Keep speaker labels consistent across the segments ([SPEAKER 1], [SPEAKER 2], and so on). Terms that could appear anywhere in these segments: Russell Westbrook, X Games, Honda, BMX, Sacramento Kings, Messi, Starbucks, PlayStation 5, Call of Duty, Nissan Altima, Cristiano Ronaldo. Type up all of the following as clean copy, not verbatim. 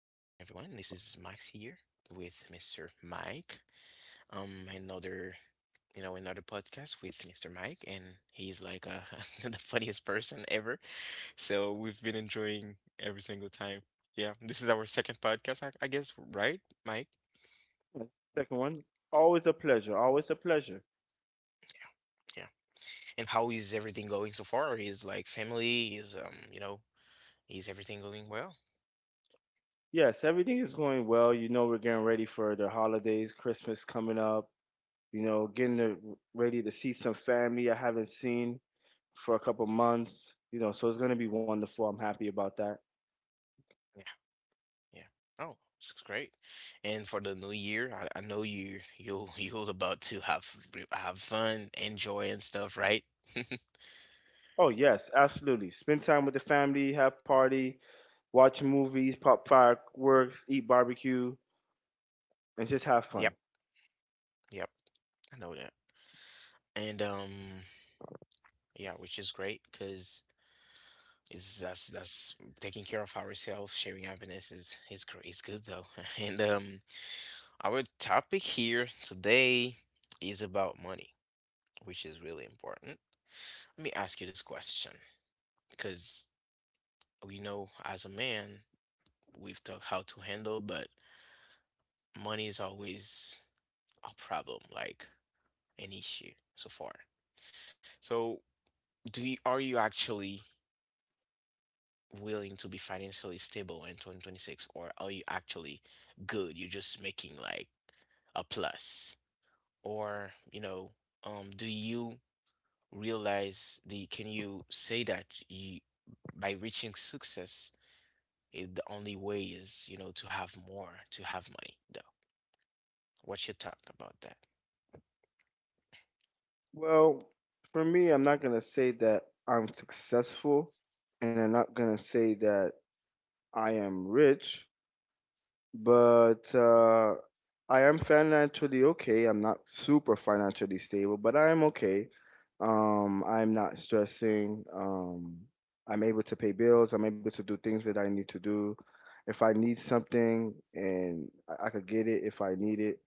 [SPEAKER 1] This is Max here with Mr. Mike. Another, another podcast with Mr. Mike, and he's like the funniest person ever. So we've been enjoying every single time. Yeah, this is our second podcast, I guess, right, Mike?
[SPEAKER 2] Yeah, second one, always a pleasure, always a pleasure.
[SPEAKER 1] Yeah. And how is everything going so far? Is like family? Is is everything going well?
[SPEAKER 2] Yes, everything is going well. You know, we're getting ready for the holidays, Christmas coming up, you know, ready to see some family I haven't seen for a couple months, you know, so it's going to be wonderful. I'm happy about that.
[SPEAKER 1] Yeah. Oh, this is great. And for the new year, I know you you're about to have fun, enjoy and stuff, right?
[SPEAKER 2] Oh, yes, absolutely. Spend time with the family, have party, watch movies, pop fireworks, eat barbecue, and just have fun.
[SPEAKER 1] Yep. Yep. I know that. And yeah, which is great because is that's taking care of ourselves, sharing happiness is great. It's good though. And our topic here today is about money, which is really important. Let me ask you this question because we know as a man we've taught how to handle, but money is always a problem, like an issue so far. So, do you are you actually willing to be financially stable in 2026 or are you actually good? You're just making like a plus. Or, you know, do you realize the can you say that you by reaching success it, the only way is, you know, to have more, to have money though. What's your thought about that?
[SPEAKER 2] Well, for me, I'm not going to say that I'm successful, and I'm not going to say that I am rich, but I am financially okay. I'm not super financially stable, but I am okay. I'm not stressing. I'm able to pay bills. I'm able to do things that I need to do. If I need something and I could get it if I need it.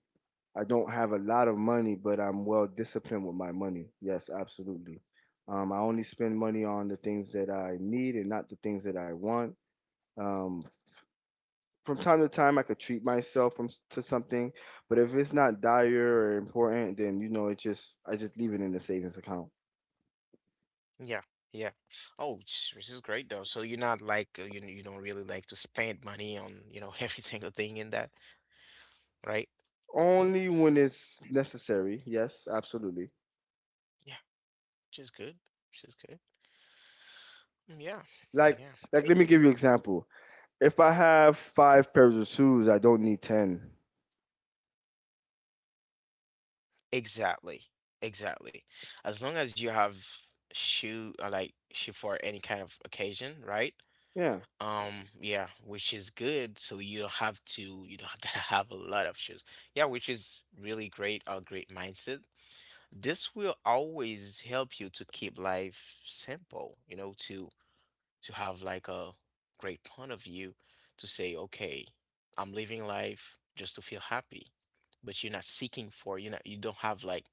[SPEAKER 2] I don't have a lot of money, but I'm well disciplined with my money. Yes, absolutely. I only spend money on the things that I need and not the things that I want. Um, from time to time I could treat myself to something, but if it's not dire or important, then you know it just I just leave it in the savings account.
[SPEAKER 1] Yeah, yeah. Oh, which is great though. So you're not like you don't really like to spend money on, you know, every single thing in that, right?
[SPEAKER 2] Only when it's necessary. Yes, absolutely.
[SPEAKER 1] Yeah, which is good. Which is good. Mm, yeah.
[SPEAKER 2] Like
[SPEAKER 1] Yeah.
[SPEAKER 2] like
[SPEAKER 1] E-
[SPEAKER 2] let me give you an example. If I have five pairs of shoes, I don't need 10.
[SPEAKER 1] Exactly. Exactly. As long as you have shoe like shoe for any kind of occasion, right?
[SPEAKER 2] Yeah,
[SPEAKER 1] Yeah, which is good. So you don't have to you don't gotta have a lot of shoes. Yeah, which is really great, a great mindset. This will always help you to keep life simple, you know, to have like a great point of view to say, okay, I'm living life just to feel happy, but you're not seeking for, you're you don't have like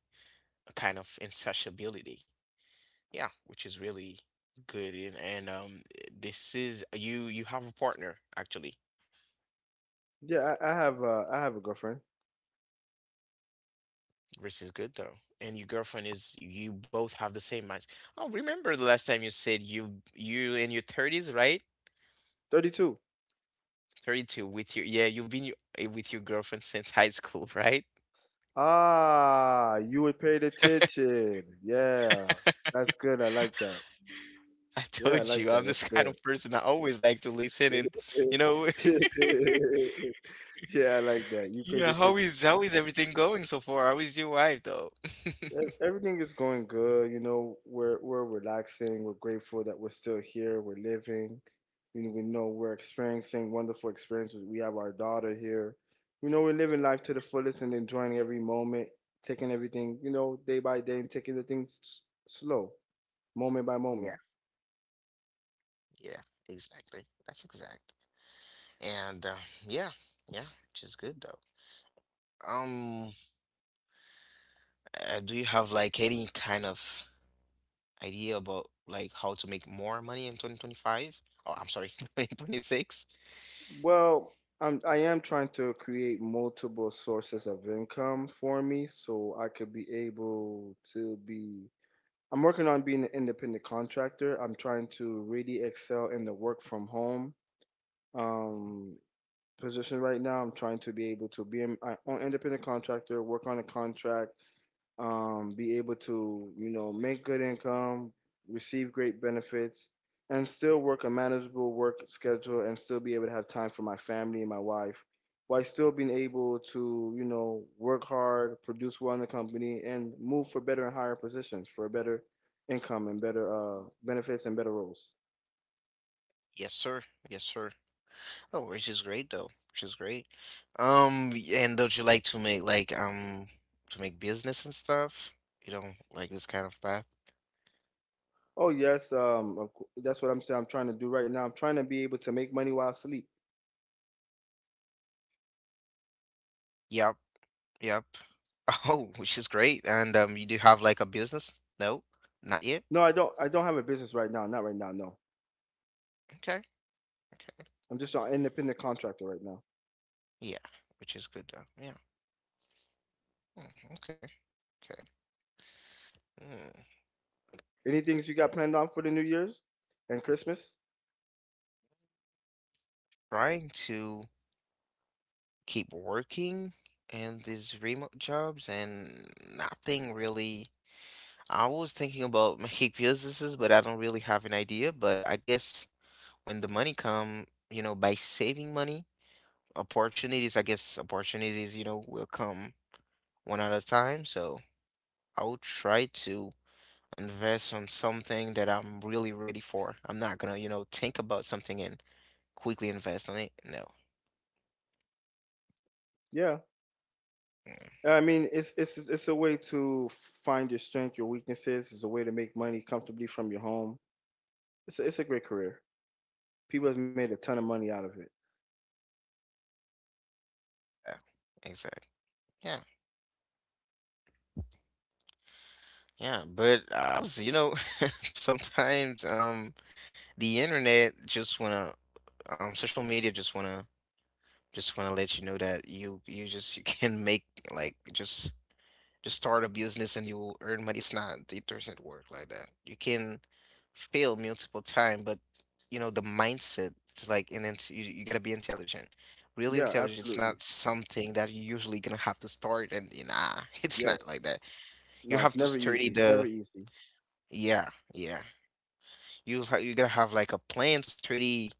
[SPEAKER 1] a kind of insatiability. Yeah, which is really good. And this is you have a partner actually,
[SPEAKER 2] yeah. I have a girlfriend.
[SPEAKER 1] which is good though. And your girlfriend is you both have the same minds. Oh, remember the last time you said you in your 30s, right?
[SPEAKER 2] 32.
[SPEAKER 1] 32 with your yeah, you've been y- eh, with your girlfriend since high school, right?
[SPEAKER 2] Ah, you would pay the attention. Yeah, that's good. I like that.
[SPEAKER 1] I
[SPEAKER 2] Yeah, I
[SPEAKER 1] told
[SPEAKER 2] like
[SPEAKER 1] you, I'm
[SPEAKER 2] that.
[SPEAKER 1] this
[SPEAKER 2] That's
[SPEAKER 1] kind
[SPEAKER 2] good.
[SPEAKER 1] of person. I always like to listen and you know,
[SPEAKER 2] Yeah, I like that. You paid
[SPEAKER 1] yeah,
[SPEAKER 2] attention.
[SPEAKER 1] how is everything going so far? How is your wife though?
[SPEAKER 2] Everything is going good. You know, we're relaxing. We're grateful that we're still here. We're living. You know, we know we're experiencing wonderful experiences. We have our daughter here. You know, we're living life to the fullest and enjoying every moment, taking everything, you know, day by day and taking the things slow, moment by
[SPEAKER 1] Yeah,
[SPEAKER 2] moment.
[SPEAKER 1] yeah, exactly. That's exact. And yeah, yeah, which is good though. Um, do you have like any kind of idea about like how to make more money in 2025? Oh, I'm sorry, 2026?
[SPEAKER 2] Well, I am trying to create multiple sources of income for me so I could be able to be I'm working on being an independent contractor. I'm trying to really excel in the work from home
[SPEAKER 1] Mhm.
[SPEAKER 2] um, position right now. I'm trying to be able to be an independent contractor, work on a contract, be able to, you know, make good income, receive great benefits, and still work a manageable work schedule and still be able to have time for my family and my wife while still being able to, you know, work hard, produce well in the company, and move for better and higher positions for a better income and better benefits and better roles.
[SPEAKER 1] Yes, sir. Yes, sir. Oh, which is great though. Which is great. And don't you like to make business and stuff? You know, like this kind of path.
[SPEAKER 2] Oh yes, that's what I'm saying. I'm trying to do right now. I'm trying to be able to make money while I sleep.
[SPEAKER 1] Yeah. Yep. Oh, which is great. And you do have like a business? No, not yet.
[SPEAKER 2] No, I don't. I don't have a business right now. Not right now. No,
[SPEAKER 1] Okay. Okay.
[SPEAKER 2] I'm just an independent contractor right now.
[SPEAKER 1] Yeah, which is good though. Yeah. Mm, okay. Okay. Mm.
[SPEAKER 2] Any things you got planned on for the New Year's and Christmas?
[SPEAKER 1] Trying to keep working in these remote jobs and nothing really. I was thinking about making businesses, but I don't really have an idea. But I guess when the money come, you know, by saving money, opportunities, I guess opportunities, you know, will come one at a time. So. I will try to invest on something that I'm really ready for. I'm not gonna, you know, think about something and quickly invest on it. No.
[SPEAKER 2] Yeah.
[SPEAKER 1] Mm,
[SPEAKER 2] I mean, it's a way to find your strength, your weaknesses. It's a way to make money comfortably from your home. It's a great career. People have made a ton of money out of it.
[SPEAKER 1] yeah. Exactly. Yeah. Yeah. But I was, you know, sometimes the internet just wanna social media just wanna let you know that you can make like just start a business and you earn money. It's not, it doesn't work like that. You can fail multiple times, but you know, the mindset is like, and then you gotta be intelligent. Really
[SPEAKER 2] Yeah,
[SPEAKER 1] intelligent. It's
[SPEAKER 2] absolutely.
[SPEAKER 1] not something that you're usually gonna have to start it's not
[SPEAKER 2] Yes.
[SPEAKER 1] like that. You
[SPEAKER 2] No,
[SPEAKER 1] have
[SPEAKER 2] it's
[SPEAKER 1] to
[SPEAKER 2] never
[SPEAKER 1] study
[SPEAKER 2] easy. It's never
[SPEAKER 1] the,
[SPEAKER 2] easy.
[SPEAKER 1] yeah, yeah. You gotta have like a plan to study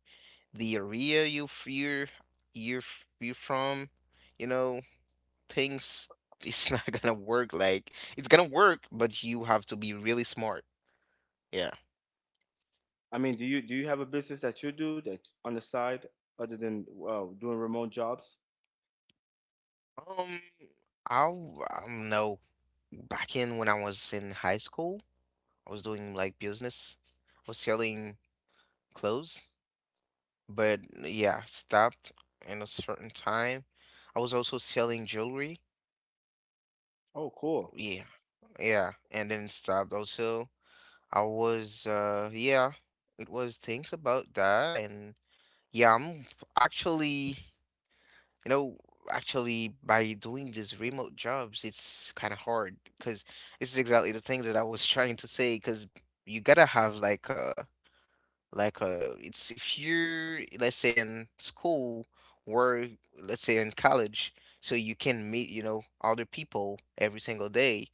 [SPEAKER 1] the area you're from, you know things it's not gonna work. Like it's gonna work, but you have to be really smart. Yeah.
[SPEAKER 2] I mean, do you have a business that you do that on the side other than doing remote jobs?
[SPEAKER 1] Um, I don't know. Back in when I was in high school, I was doing like business. I was selling clothes, but yeah, I stopped in a certain time. I was also selling jewelry.
[SPEAKER 2] Oh, cool.
[SPEAKER 1] Yeah, yeah, and then stopped also. I was yeah, it was things about that and yeah, I'm actually you know, actually, by doing these remote jobs, it's kind of hard because this is exactly the thing that I was trying to say. Because you gotta have like a it's if you're let's say in school or let's say in college, so you can meet you know other people every single day.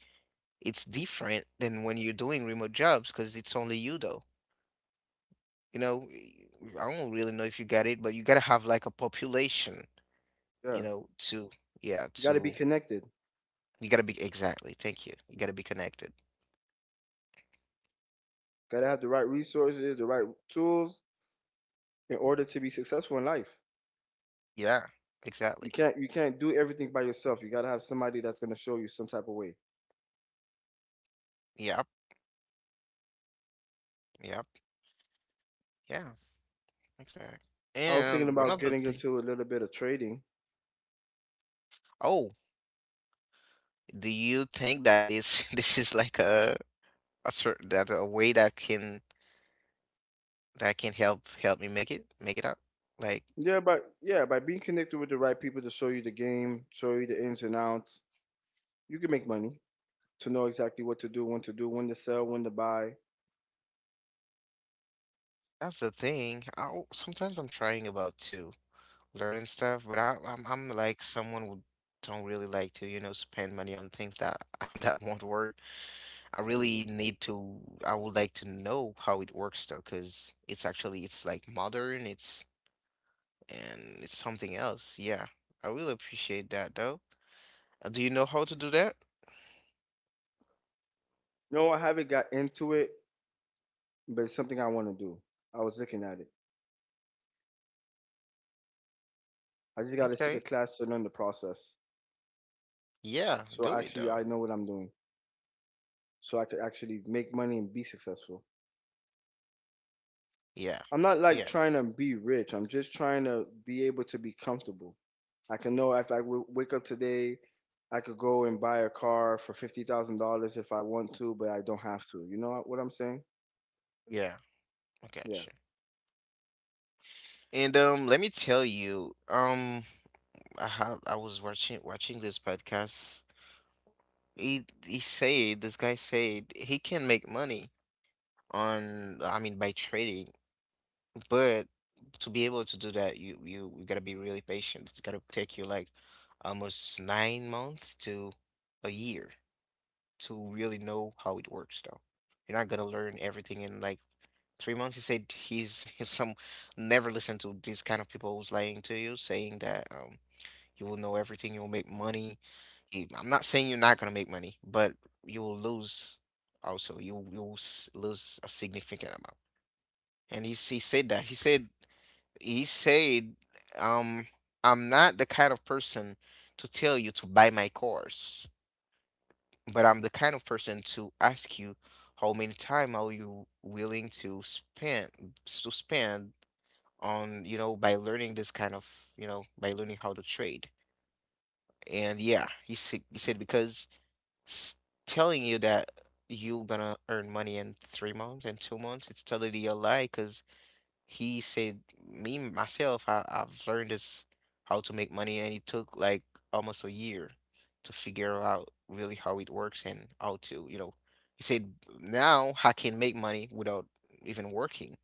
[SPEAKER 1] It's different than when you're doing remote jobs because it's only you though. You know, I don't really know if you got it, but you gotta have like a population,
[SPEAKER 2] Yeah.
[SPEAKER 1] you know, to yeah
[SPEAKER 2] You got to be
[SPEAKER 1] to
[SPEAKER 2] connected.
[SPEAKER 1] you gotta be exactly. Thank you. You gotta be connected.
[SPEAKER 2] Got to have the right resources, the right tools in order to be successful in life.
[SPEAKER 1] Yeah,
[SPEAKER 2] You
[SPEAKER 1] exactly.
[SPEAKER 2] can't you can't do everything by yourself. You gotta have somebody that's gonna show you some type of way.
[SPEAKER 1] Yep, yep, yeah, exactly.
[SPEAKER 2] I was thinking
[SPEAKER 1] And one of
[SPEAKER 2] about
[SPEAKER 1] the
[SPEAKER 2] getting
[SPEAKER 1] things.
[SPEAKER 2] into a little bit of trading.
[SPEAKER 1] Oh, do you think that this this is like a certain that a way that can help me make it up? Like
[SPEAKER 2] Yeah, but yeah, by being connected with the right people to show you the game, show you the ins and outs, you can make money to know exactly what to do, when to do, when to sell, when to buy.
[SPEAKER 1] that's the thing. I sometimes I'm trying about to learning stuff, but I'm like someone who don't really like to you know spend money on things that that won't work. I really need to, I would like to know how it works though, because it's actually, it's like modern, it's, and it's something else. Yeah, I really appreciate that though. Do you know how to do that?
[SPEAKER 2] No, I haven't got into it, but it's something I want to do. I was looking at it. I just got to take a
[SPEAKER 1] Okay.
[SPEAKER 2] class to learn the process.
[SPEAKER 1] Yeah,
[SPEAKER 2] So
[SPEAKER 1] do it
[SPEAKER 2] actually,
[SPEAKER 1] though.
[SPEAKER 2] I know what I'm doing. So I could actually make money and be successful.
[SPEAKER 1] Yeah,
[SPEAKER 2] I'm not like
[SPEAKER 1] yeah,
[SPEAKER 2] trying to be rich. I'm just trying to be able to be comfortable. I can know if I wake up today, I could go and buy a car for $50,000 if I want to, but I don't have to. You know what I'm saying?
[SPEAKER 1] yeah. I
[SPEAKER 2] Yeah,
[SPEAKER 1] gotcha. And let me tell you, I have, I was watching this podcast. He said, this guy said he can make money on, I mean, by trading. But to be able to do that, you gotta be really patient. It's gotta take you like almost 9 months to a year to really know how it works, though. You're not gonna learn everything in like 3 months. He's some never listen to these kind of people who's lying to you, saying that you will know everything, you'll make money. I'm not saying you're not gonna make money, but you will lose also. Lose a significant amount. He said that. He said, um, I'm not the kind of person to tell you to buy my course, but I'm the kind of person to ask you how many time are you willing to spend on, you know, by learning this kind of, you know, by learning how to trade. And yeah, he said because s- telling you that you're gonna earn money in 3 months and 2 months, it's totally a lie 'cause he said, me myself, I've learned this how to make money, and it took like almost a year to figure out really how it works and how to, you know, he said, now I can make money without even working.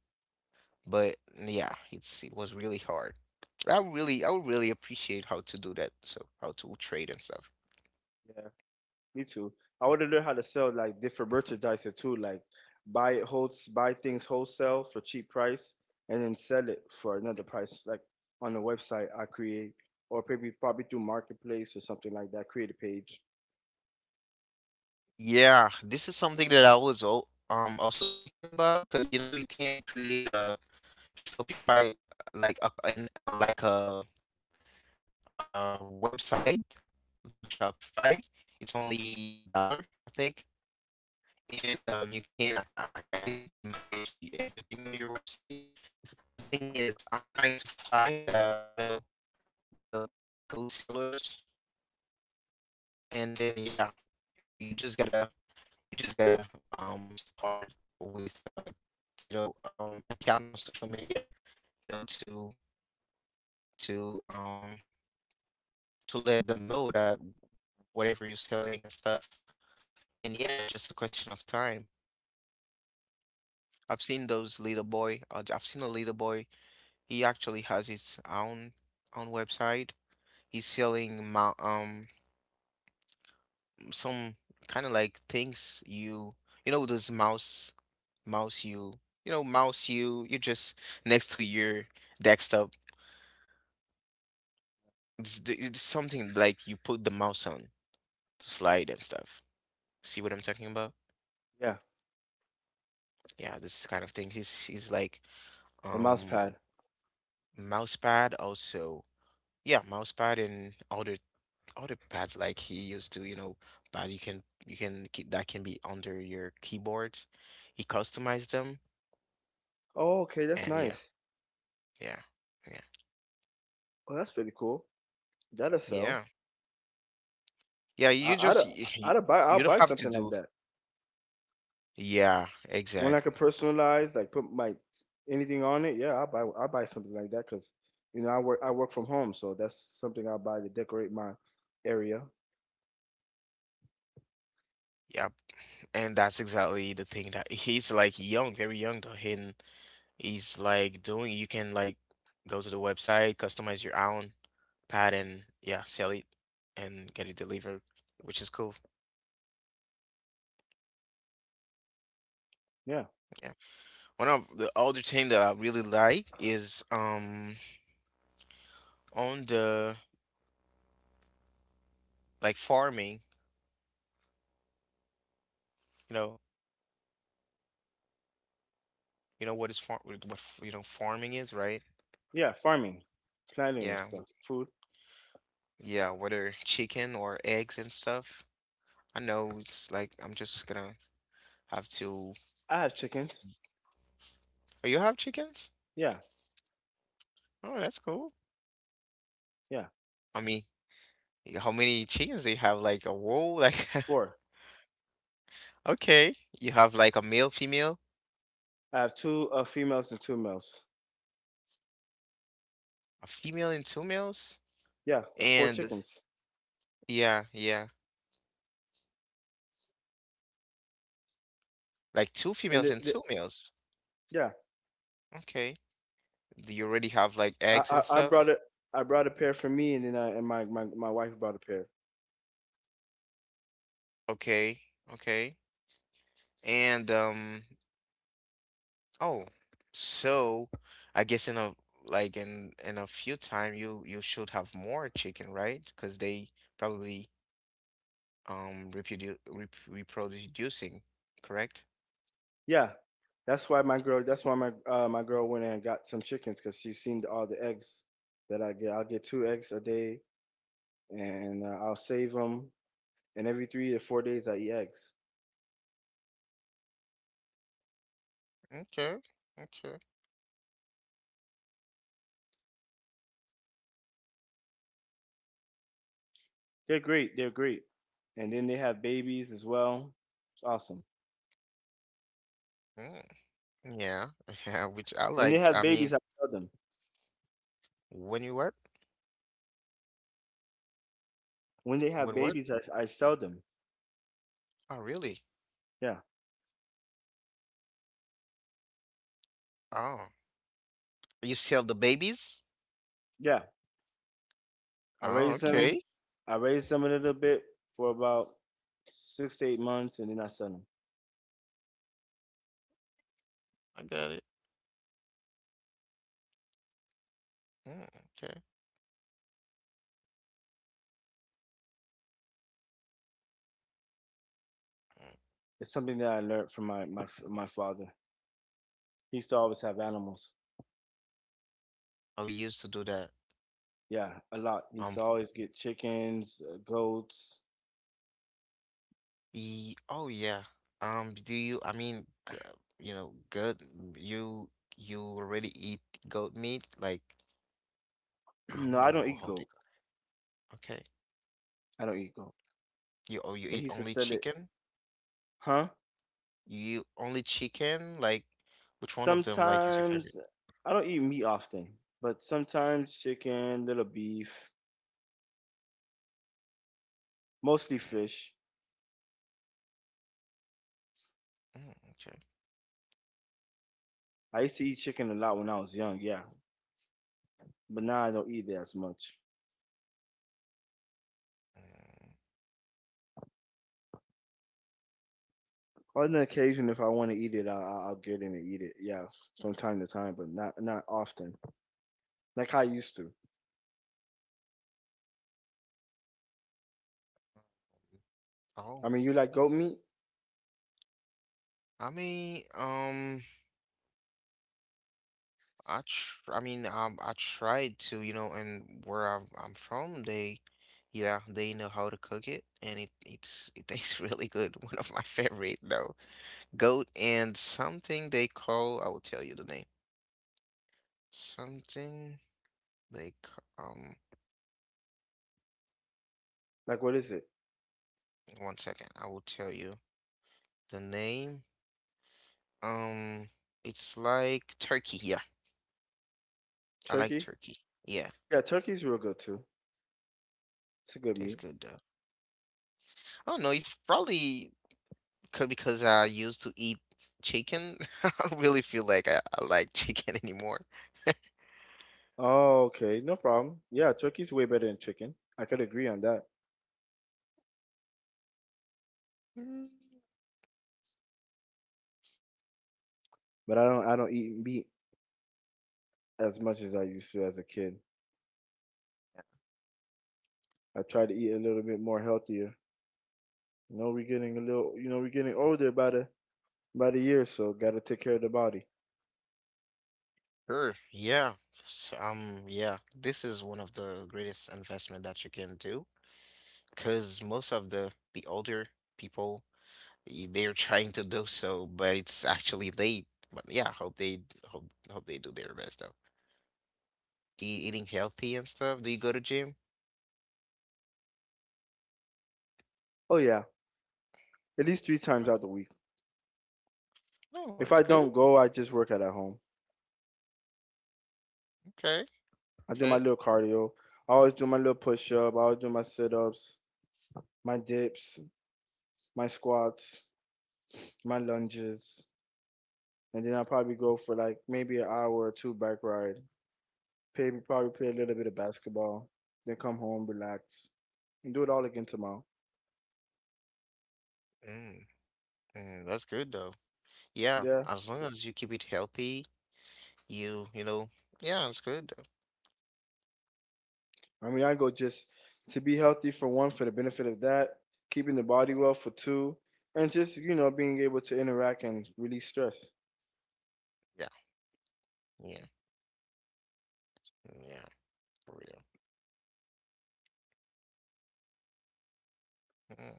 [SPEAKER 1] But yeah, it was really hard. I would really appreciate how to do that. So how to trade and stuff.
[SPEAKER 2] yeah. Me too. I want to learn how to sell like different merchandise too, like buy it holds buy things wholesale for cheap price and then sell it for another price, like on a website I create or maybe probably through marketplace or something like that. Create a page.
[SPEAKER 1] Yeah, this is something that I was also thinking about because you know you can create a Shopify, like a an like a website through Shopify. It's only a dollar, I think. And you can, I guess you can manage everything on your website. The thing is, I'm trying to find, you know, the like good sellers, and then yeah, you just gotta, you just gotta start with you know, account on social media, you know, to to um to let them know that whatever you're selling and stuff. And yeah, it's just a question of time. I've seen those little boy. I've seen a little boy. He actually has his own website. He's selling some kind of like things you you know those mouse you you know mouse you you just next to your desktop. It's, it's something like you put the mouse on to slide and stuff. See what I'm talking about?
[SPEAKER 2] Yeah,
[SPEAKER 1] Yeah, this kind of thing. He's like
[SPEAKER 2] the mouse
[SPEAKER 1] um
[SPEAKER 2] pad.
[SPEAKER 1] mouse pad also, yeah, mouse pad and other pads like he used to, you know. But you can keep that, can be under your keyboard. He customized them.
[SPEAKER 2] Oh, okay, that's
[SPEAKER 1] And yeah,
[SPEAKER 2] nice.
[SPEAKER 1] yeah, yeah,
[SPEAKER 2] Oh, that's pretty cool. That'll
[SPEAKER 1] yeah,
[SPEAKER 2] sell.
[SPEAKER 1] yeah,
[SPEAKER 2] I,
[SPEAKER 1] you
[SPEAKER 2] I'd,
[SPEAKER 1] just
[SPEAKER 2] I'd buy,
[SPEAKER 1] you
[SPEAKER 2] I'll
[SPEAKER 1] don't
[SPEAKER 2] buy
[SPEAKER 1] have to
[SPEAKER 2] something like
[SPEAKER 1] do.
[SPEAKER 2] that.
[SPEAKER 1] Yeah,
[SPEAKER 2] One I
[SPEAKER 1] exact.
[SPEAKER 2] could personalize, like put my anything on it. Yeah, I'll buy something like that because, you know, I work from home, so that's something I'll buy to decorate my area.
[SPEAKER 1] Yep. And that's exactly the thing that he's like young, very young though, and he's like doing you can like go to the website, customize your own pad, and yeah, sell it and get it delivered, which is cool.
[SPEAKER 2] Yeah,
[SPEAKER 1] Yeah. One of the other thing that I really like is on the like farming, you know, you know what is farm you know farming is, right?
[SPEAKER 2] yeah, farming, planting and
[SPEAKER 1] Yeah.
[SPEAKER 2] stuff, food.
[SPEAKER 1] Yeah, whether chicken or eggs and stuff. I know it's like I'm just gonna have to.
[SPEAKER 2] I have chickens.
[SPEAKER 1] Oh, you have chickens?
[SPEAKER 2] Yeah,
[SPEAKER 1] Oh, that's cool.
[SPEAKER 2] yeah,
[SPEAKER 1] I mean, how many chickens do you have? Like a whoa, like
[SPEAKER 2] four.
[SPEAKER 1] okay. You have like a male, female,
[SPEAKER 2] I have two females and two males.
[SPEAKER 1] a female and two males?
[SPEAKER 2] Yeah, four
[SPEAKER 1] And
[SPEAKER 2] chickens.
[SPEAKER 1] yeah, yeah. Like two
[SPEAKER 2] And
[SPEAKER 1] females and two males.
[SPEAKER 2] yeah,
[SPEAKER 1] Okay. Do you already have like
[SPEAKER 2] I,
[SPEAKER 1] eggs and
[SPEAKER 2] I I brought
[SPEAKER 1] stuff?
[SPEAKER 2] a I brought a pair for me, and then I and my wife brought a pair.
[SPEAKER 1] Okay. Okay. And oh, so I guess in a like in a few time you should have more chicken, right? Because they probably reproducing, correct?
[SPEAKER 2] Yeah, that's why my girl. That's why my girl went and got some chickens because she's seen all the eggs that I get. I'll get two eggs a day, and I'll save them. And every 3 to 4 days, I eat eggs.
[SPEAKER 1] Okay. Okay.
[SPEAKER 2] They're great. They're great. And then they have babies as well. It's awesome.
[SPEAKER 1] Mm. Yeah. Yeah, which I
[SPEAKER 2] When they
[SPEAKER 1] liked.
[SPEAKER 2] have
[SPEAKER 1] I mean,
[SPEAKER 2] babies, I sell them.
[SPEAKER 1] when you what?
[SPEAKER 2] When they
[SPEAKER 1] When
[SPEAKER 2] have
[SPEAKER 1] what?
[SPEAKER 2] babies, I sell them.
[SPEAKER 1] Oh, really?
[SPEAKER 2] Yeah,
[SPEAKER 1] Oh. You sell the babies?
[SPEAKER 2] yeah. I
[SPEAKER 1] Oh,
[SPEAKER 2] raised
[SPEAKER 1] okay.
[SPEAKER 2] him. I raised him a little bit for about 6 to 8 months, and then I sold him.
[SPEAKER 1] I got it. Mm, okay. Mm.
[SPEAKER 2] It's something that I learned from my father. He used to always have animals.
[SPEAKER 1] Oh, we used to do that.
[SPEAKER 2] Yeah, a lot. He used
[SPEAKER 1] Um,
[SPEAKER 2] to always get chickens, goats.
[SPEAKER 1] oh, yeah. Do you, I mean, you know, good, you, you already eat goat meat? Like, I don't
[SPEAKER 2] No, I don't
[SPEAKER 1] know
[SPEAKER 2] eat
[SPEAKER 1] how they,
[SPEAKER 2] goat.
[SPEAKER 1] okay.
[SPEAKER 2] I don't eat goat.
[SPEAKER 1] You, oh, you
[SPEAKER 2] But he
[SPEAKER 1] eat
[SPEAKER 2] used to
[SPEAKER 1] only
[SPEAKER 2] sell it.
[SPEAKER 1] chicken?
[SPEAKER 2] Huh?
[SPEAKER 1] You only chicken? Like, which one of them, like, is your favorite?
[SPEAKER 2] Sometimes I don't eat meat often, but sometimes chicken, little beef, mostly
[SPEAKER 1] Mm,
[SPEAKER 2] fish.
[SPEAKER 1] mm, okay.
[SPEAKER 2] I used to eat chicken a lot when I was young. Yeah, but now I don't eat it as much.
[SPEAKER 1] Mm.
[SPEAKER 2] On the occasion, if I want to eat it, I'll get in and eat it. Yeah, from time to time, but not often. Like how I used to.
[SPEAKER 1] Oh,
[SPEAKER 2] I mean, you like goat meat?
[SPEAKER 1] I mean, I mean, I tried to, you know, and where I'm from, they, yeah, they know how to cook it, and it tastes really good. One of my favorite though, goat and something they call. I will tell you the name. Something they ca- um.
[SPEAKER 2] Like what is it?
[SPEAKER 1] One second, I will tell you the name. Um, it's like turkey. Yeah, I like
[SPEAKER 2] Turkey?
[SPEAKER 1] turkey. Yeah,
[SPEAKER 2] Yeah, turkey's real good too. It's a good
[SPEAKER 1] tastes
[SPEAKER 2] meat.
[SPEAKER 1] good though. I don't know. If probably because I used to eat chicken. I don't really feel like I like chicken anymore.
[SPEAKER 2] Oh, okay, no problem. Yeah, turkey's way better than chicken. I could agree on that.
[SPEAKER 1] Mm.
[SPEAKER 2] But I don't eat meat as much as I used to as a kid. I try to eat a little bit more healthier. You know, we're getting a little, you know, we're getting older by the year, so gotta take care of the body.
[SPEAKER 1] Sure. Yeah. Yeah. This is one of the greatest investment that you can do, because most of the older people they're trying to do so, but it's actually late. But yeah, hope they, hope hope they do their best though. Eating healthy and stuff. Do you go to gym?
[SPEAKER 2] Oh yeah, at least three times
[SPEAKER 1] Like,
[SPEAKER 2] out the week.
[SPEAKER 1] oh,
[SPEAKER 2] If
[SPEAKER 1] that's
[SPEAKER 2] I
[SPEAKER 1] good.
[SPEAKER 2] don't go, I just work out at home.
[SPEAKER 1] Okay.
[SPEAKER 2] I do my
[SPEAKER 1] Okay.
[SPEAKER 2] little cardio. I always do my little push up. I always do my sit ups, my dips, my squats, my lunges, and then I'll probably go for like maybe an hour or two bike ride. Probably play a little bit of basketball. Then come home, relax, and do it all again tomorrow.
[SPEAKER 1] Mm, mm, that's good though. Yeah,
[SPEAKER 2] Yeah,
[SPEAKER 1] as long as you keep it healthy. You know, yeah, it's good though.
[SPEAKER 2] I mean I go just to be healthy for one, for the benefit of that, keeping the body well for two, and just you know being able to interact and release stress.
[SPEAKER 1] Yeah, yeah, yeah, for real. Mm.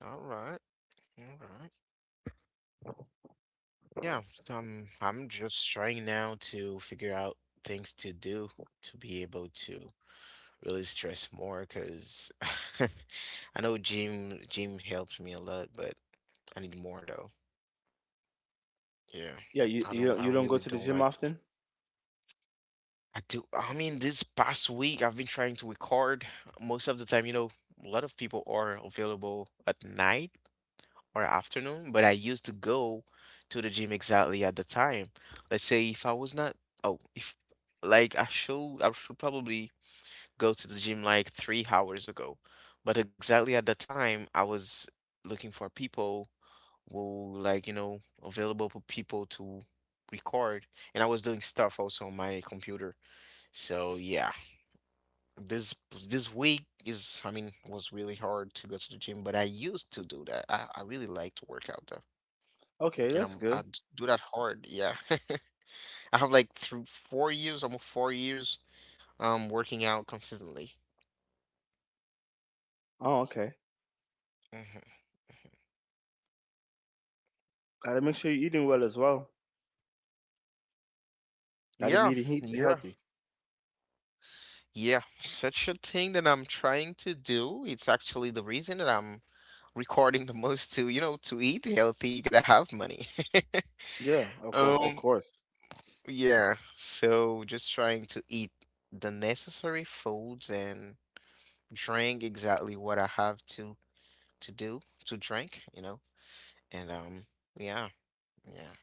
[SPEAKER 1] All right, all right. Yeah, so I'm just trying now to figure out things to do to be able to really stress more, because I know gym helps me a lot, but I need more though. Yeah.
[SPEAKER 2] Yeah, you
[SPEAKER 1] I
[SPEAKER 2] you
[SPEAKER 1] don't
[SPEAKER 2] don't- you
[SPEAKER 1] I
[SPEAKER 2] don't go
[SPEAKER 1] really
[SPEAKER 2] to the
[SPEAKER 1] don't
[SPEAKER 2] gym
[SPEAKER 1] like.
[SPEAKER 2] often?
[SPEAKER 1] I mean this past week I've been trying to record most of the time, you know, a lot of people are available at night or afternoon, but I used to go to the gym exactly at the time. Let's say if I was not, oh, if like I should probably go to the gym like 3 hours ago, but exactly at the time I was looking for people who like, you know, available for people to record, and I was doing stuff also on my computer. So yeah, this this week is, I mean, was really hard to go to the gym, but I used to do that. I really like to work out though,
[SPEAKER 2] Okay,
[SPEAKER 1] and
[SPEAKER 2] that's good.
[SPEAKER 1] do that hard. Yeah, I have like through 4 years, almost 4 years, working out consistently.
[SPEAKER 2] Oh, okay.
[SPEAKER 1] Hmm.
[SPEAKER 2] Gotta make sure you're eating well as well. Gotta be
[SPEAKER 1] Yeah,
[SPEAKER 2] eating heat
[SPEAKER 1] yeah,
[SPEAKER 2] healthy.
[SPEAKER 1] yeah. Such a thing that I'm trying to do. It's actually the reason that I'm recording the most to, you know, to eat healthy, you gotta have money.
[SPEAKER 2] Yeah, of
[SPEAKER 1] Um,
[SPEAKER 2] course.
[SPEAKER 1] yeah. So just trying to eat the necessary foods and drink exactly what I have to do to drink, you know. And Yeah. Yeah.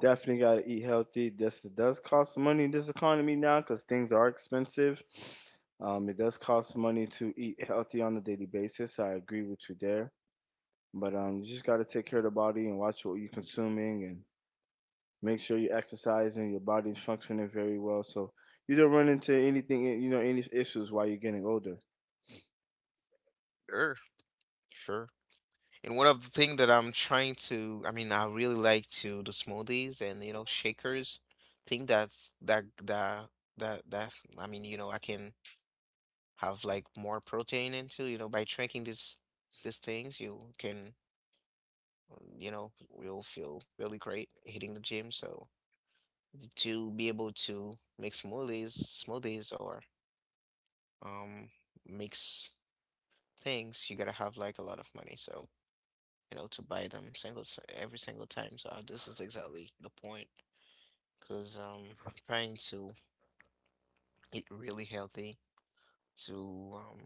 [SPEAKER 2] Definitely gotta eat healthy. This does cost money in this economy now because things are expensive. It does cost money to eat healthy on a daily basis. I agree with you there. But you just gotta take care of the body and watch what you're consuming and make sure you exercise and your body's functioning very well so you don't run into anything, you know, any issues while you're getting older.
[SPEAKER 1] Sure. Sure. And one of the thing that I'm trying to, I mean, I really like to do smoothies and, you know, shakers. Think that's that that that that I mean, you know, I can have like more protein into, you know, by drinking these things. You can, you know, you'll feel really great hitting the gym. So to be able to make smoothies or um mix things, you gotta have like a lot of money. So you know, to buy them every single time. So this is exactly the point, because I'm trying to eat really healthy. To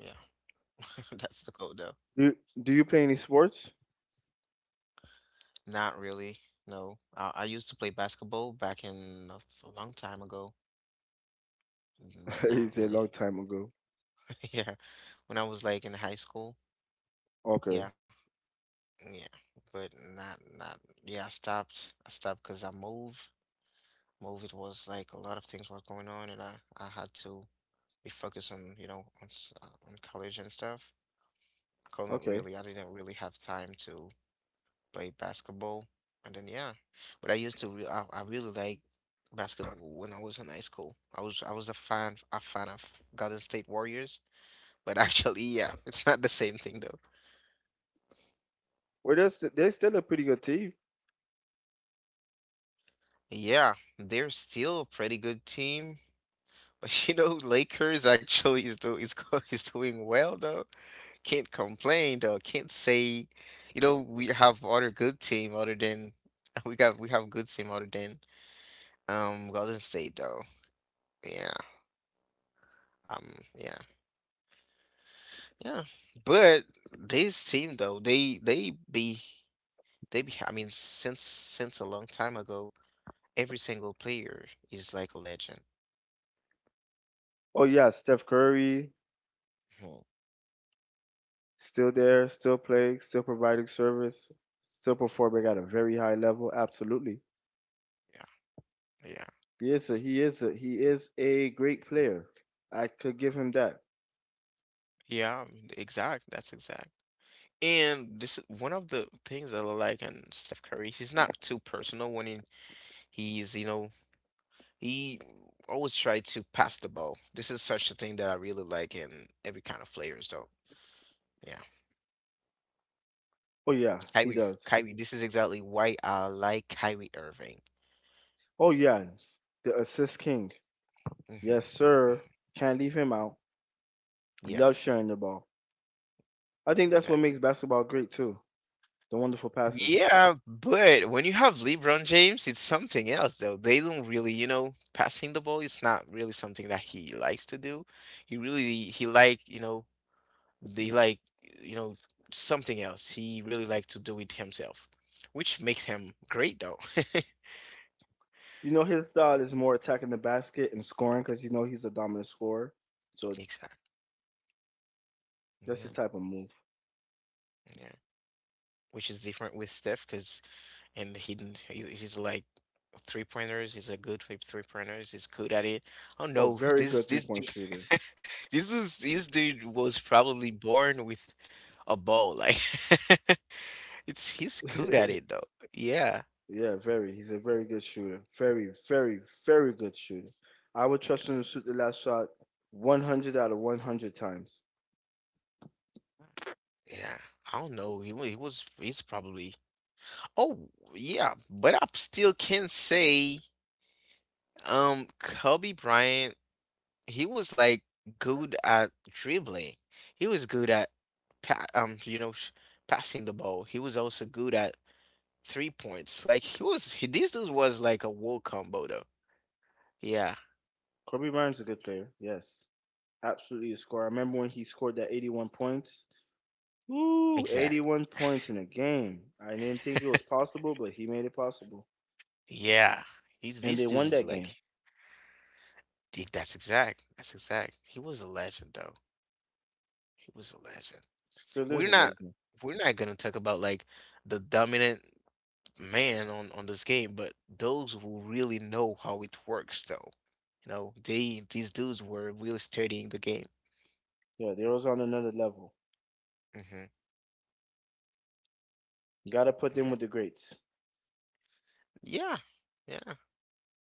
[SPEAKER 1] Yeah, that's the goal though.
[SPEAKER 2] Do you play any sports?
[SPEAKER 1] Not really. No, I used to play basketball back in a long time ago, mm, but
[SPEAKER 2] It's
[SPEAKER 1] not
[SPEAKER 2] a
[SPEAKER 1] really.
[SPEAKER 2] long time ago.
[SPEAKER 1] Yeah, when I was like in high school.
[SPEAKER 2] Okay,
[SPEAKER 1] Yeah, yeah, but not. Yeah, I stopped. I stopped because I moved. Moved. It was like a lot of things was going on, and I had to we focus on you know on college and stuff. I couldn't
[SPEAKER 2] okay.
[SPEAKER 1] really. I didn't really have time to play basketball, and then yeah, but I used to. Re I really like basketball when I was in high school. I was a fan of Golden State Warriors, but actually yeah, it's not the same thing though.
[SPEAKER 2] Well, they're still a pretty good team.
[SPEAKER 1] Yeah, they're still a pretty good team. But you know, Lakers actually is do is go, is doing well, can't complain though. Can't say, you know, we have other good team other than we have good team other than Golden State though. Yeah. Um yeah. Yeah. But this team though, they be I mean since a long time ago, every single player is like a legend.
[SPEAKER 2] Oh, yeah, Steph Curry,
[SPEAKER 1] Mhm.
[SPEAKER 2] still there, still playing, still providing service, still performing at a very high level. Absolutely.
[SPEAKER 1] Yeah. Yeah.
[SPEAKER 2] He is a, he is a, he is a great player. I could give him that.
[SPEAKER 1] Yeah, I mean, exact. That's exact. And this is one of the things that I like and Steph Curry. He's not too personal when he's, he always tried to pass the ball. This is such a thing that I really like in every kind of players, though. Yeah,
[SPEAKER 2] Oh, yeah, he
[SPEAKER 1] Kyrie,
[SPEAKER 2] does.
[SPEAKER 1] Kyrie. This is exactly why I like Kyrie Irving.
[SPEAKER 2] Oh, yeah, the assist king. Yes,
[SPEAKER 1] Hmm.
[SPEAKER 2] sir. Can't leave him out.
[SPEAKER 1] Yeah,
[SPEAKER 2] Love sharing the ball. I think that's what
[SPEAKER 1] exactly.
[SPEAKER 2] makes basketball great, too. The wonderful passes.
[SPEAKER 1] Yeah, but when you have LeBron James, it's something else though. They don't really, you know, passing the ball is not really something that he likes to do. He really he like, they like, you know, something else. He really like to do it himself, which makes him great though.
[SPEAKER 2] You know, his style is more attacking the basket and scoring because you know he's a dominant scorer. So
[SPEAKER 1] Exactly.
[SPEAKER 2] that's his
[SPEAKER 1] Yeah.
[SPEAKER 2] type of move.
[SPEAKER 1] Yeah. Which is different with Steph because and he, he's like three pointers. He's a good with three pointers. He's good at it. Oh
[SPEAKER 2] Oh,
[SPEAKER 1] no,
[SPEAKER 2] very
[SPEAKER 1] this
[SPEAKER 2] good three
[SPEAKER 1] this
[SPEAKER 2] point
[SPEAKER 1] dude,
[SPEAKER 2] shooter.
[SPEAKER 1] this dude was probably born with a ball. Like it's he's good at it though. Yeah.
[SPEAKER 2] Yeah, very. He's a very good shooter. Very, very, very good shooter. I would trust him to shoot the last shot 100 out of 100 times.
[SPEAKER 1] Yeah. I don't know. He wa- he was he's probably oh yeah, but I still can say Kobe Bryant he was like good at dribbling. He was good at pa you know sh passing the ball. He was also good at three points. Like this dude was like a war combo though. Yeah,
[SPEAKER 2] Kobe Bryant's a good player. Yes, absolutely a scorer. I remember when he scored that 81 points. Woo,
[SPEAKER 1] exact.
[SPEAKER 2] 81 points in a game. I didn't think it was possible, but he made it possible.
[SPEAKER 1] Yeah. He's
[SPEAKER 2] And
[SPEAKER 1] These
[SPEAKER 2] they
[SPEAKER 1] dudes
[SPEAKER 2] won
[SPEAKER 1] is
[SPEAKER 2] that game.
[SPEAKER 1] like that's exact. That's exact. He was a legend though. He was a legend.
[SPEAKER 2] Still is
[SPEAKER 1] We're
[SPEAKER 2] a
[SPEAKER 1] not
[SPEAKER 2] legend.
[SPEAKER 1] we're not gonna talk about like the dominant man on this game, but those who really know how it works, though, you know, they these dudes were really studying the game.
[SPEAKER 2] Yeah, they are was on another level.
[SPEAKER 1] Hmm.
[SPEAKER 2] You got to put them
[SPEAKER 1] Yeah,
[SPEAKER 2] with the greats.
[SPEAKER 1] yeah, yeah,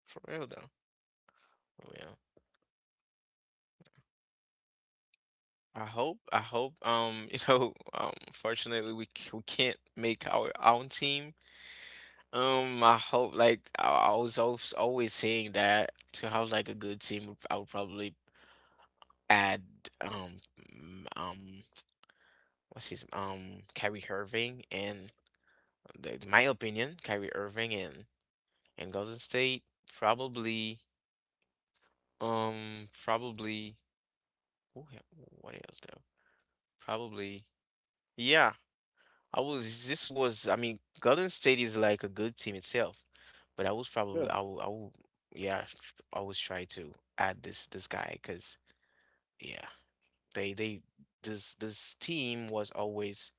[SPEAKER 1] for real though, for real. I hope, you know, fortunately we can't make our own team. I hope, like, I was always saying that to have, like, a good team, I would probably add, um, mm, um, Kyrie Irving and in my opinion, Kyrie Irving and Golden State probably probably what else though? Probably yeah. I was this was I mean Golden State is like a good team itself, but I was
[SPEAKER 2] Yeah.
[SPEAKER 1] probably I will yeah I always try to add this guy, because yeah they this team was always